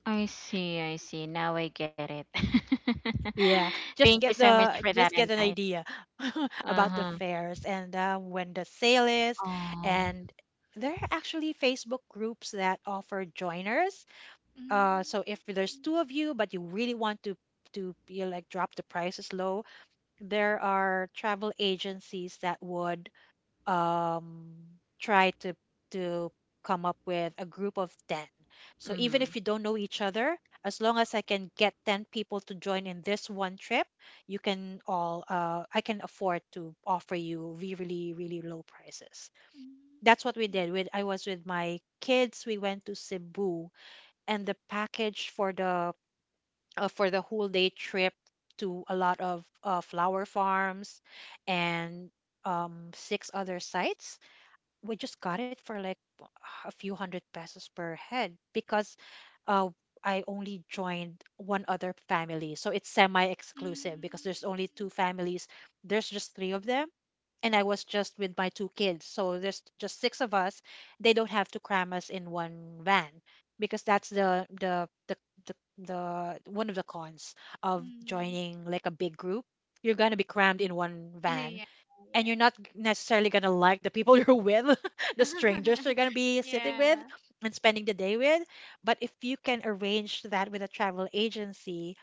I see, I see. Now I get it. Yeah, Thank just you get so much the, for that just get an insight. idea about the Uh-huh. fairs and, when the sale is. Oh. And there are actually Facebook groups that offer joiners. Mm. So if there's two of you, but you really want to be like drop the prices low, there are travel agencies that would um, try to come up with a group of 10. So even if Mm. you don't know each other, as long as I can get 10 people to join in this one trip, you can all I can afford to offer you really really really low prices. That's what we Mm. did with, I was with my kids, we went to Cebu, and the package for the, for the whole day trip to a lot of flower farms and six other sites, we just got it for like a few hundred pesos per head. Because uh, I only joined one other family. So it's semi exclusive, Mm. because there's only two families. There's just three of them. And I was just with my two kids. So there's just six of us. They don't have to cram us in one van, because that's the, one of the cons of Mm. joining like a big group. You're going to be crammed in one Yeah. van, Yeah. and you're not necessarily going to like the people you're with, the strangers you're going to be sitting with Yeah. and spending the day with. But if you can arrange that with a travel agency,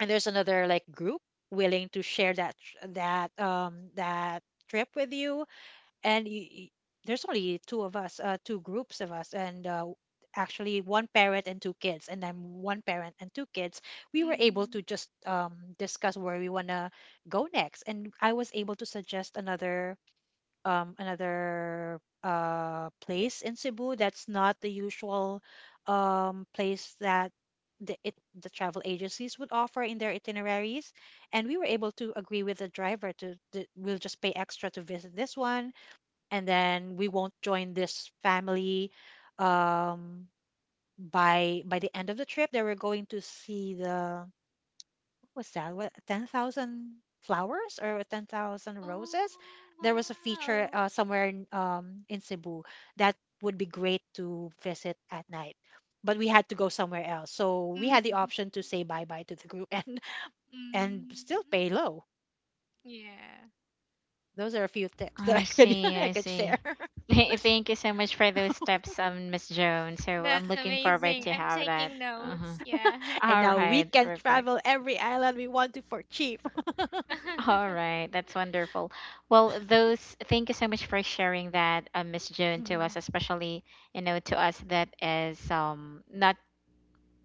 and there's another like group willing to share that that trip with you. And there's only two of us, two groups of us. And actually one parent and two kids, and then one parent and two kids. We were able Mm. to just discuss where we want to go next. And I was able to suggest another another place in Cebu that's not the usual place that the, it, the travel agencies would offer in their itineraries. And we were able to agree with the driver to, we'll just pay extra to visit this one, and then we won't join this family um, by the end of the trip. They were going to see the— was that? What, 10,000 flowers or 10,000 Oh, roses? There was a feature wow. Somewhere in Cebu that would be great to visit at night. But we had to go somewhere else. So we had the Mm. option to say bye bye to the group, and, and Mm. still pay low. Yeah. Those are a few tips that I I could, see, I I could share. see. Thank you so much for those steps, Miss Joan. So I'm That's looking forward amazing. to I'm have taking that. notes. Uh-huh. Yeah. And All now we right, can perfect. travel every island we want to for cheap. All right, that's wonderful. Well, those thank you so much for sharing that, Miss June, to us, especially to us that is not,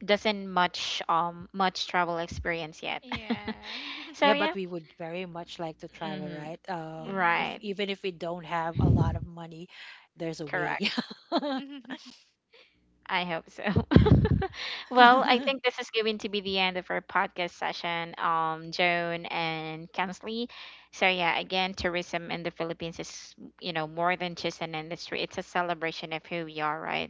doesn't much travel experience yet. Yeah. So Yeah, but yeah. we would very much like to travel, Hmm. right? If Right. Mm. even if we don't have a lot of money, there's a way. Correct. I hope so. Well, I think this is going to be the end of our podcast session, Joan and Kensley. So yeah, again, tourism in the Philippines is more than just an industry. It's a celebration of who we are, right?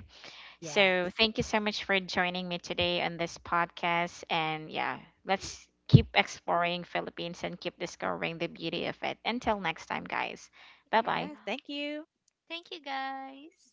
So Yes. thank you so much for joining me today on this podcast. And yeah, let's keep exploring Philippines and keep discovering the beauty of it. Until next time, guys. Bye bye. Yes. Yeah. Thank you. Thank you guys.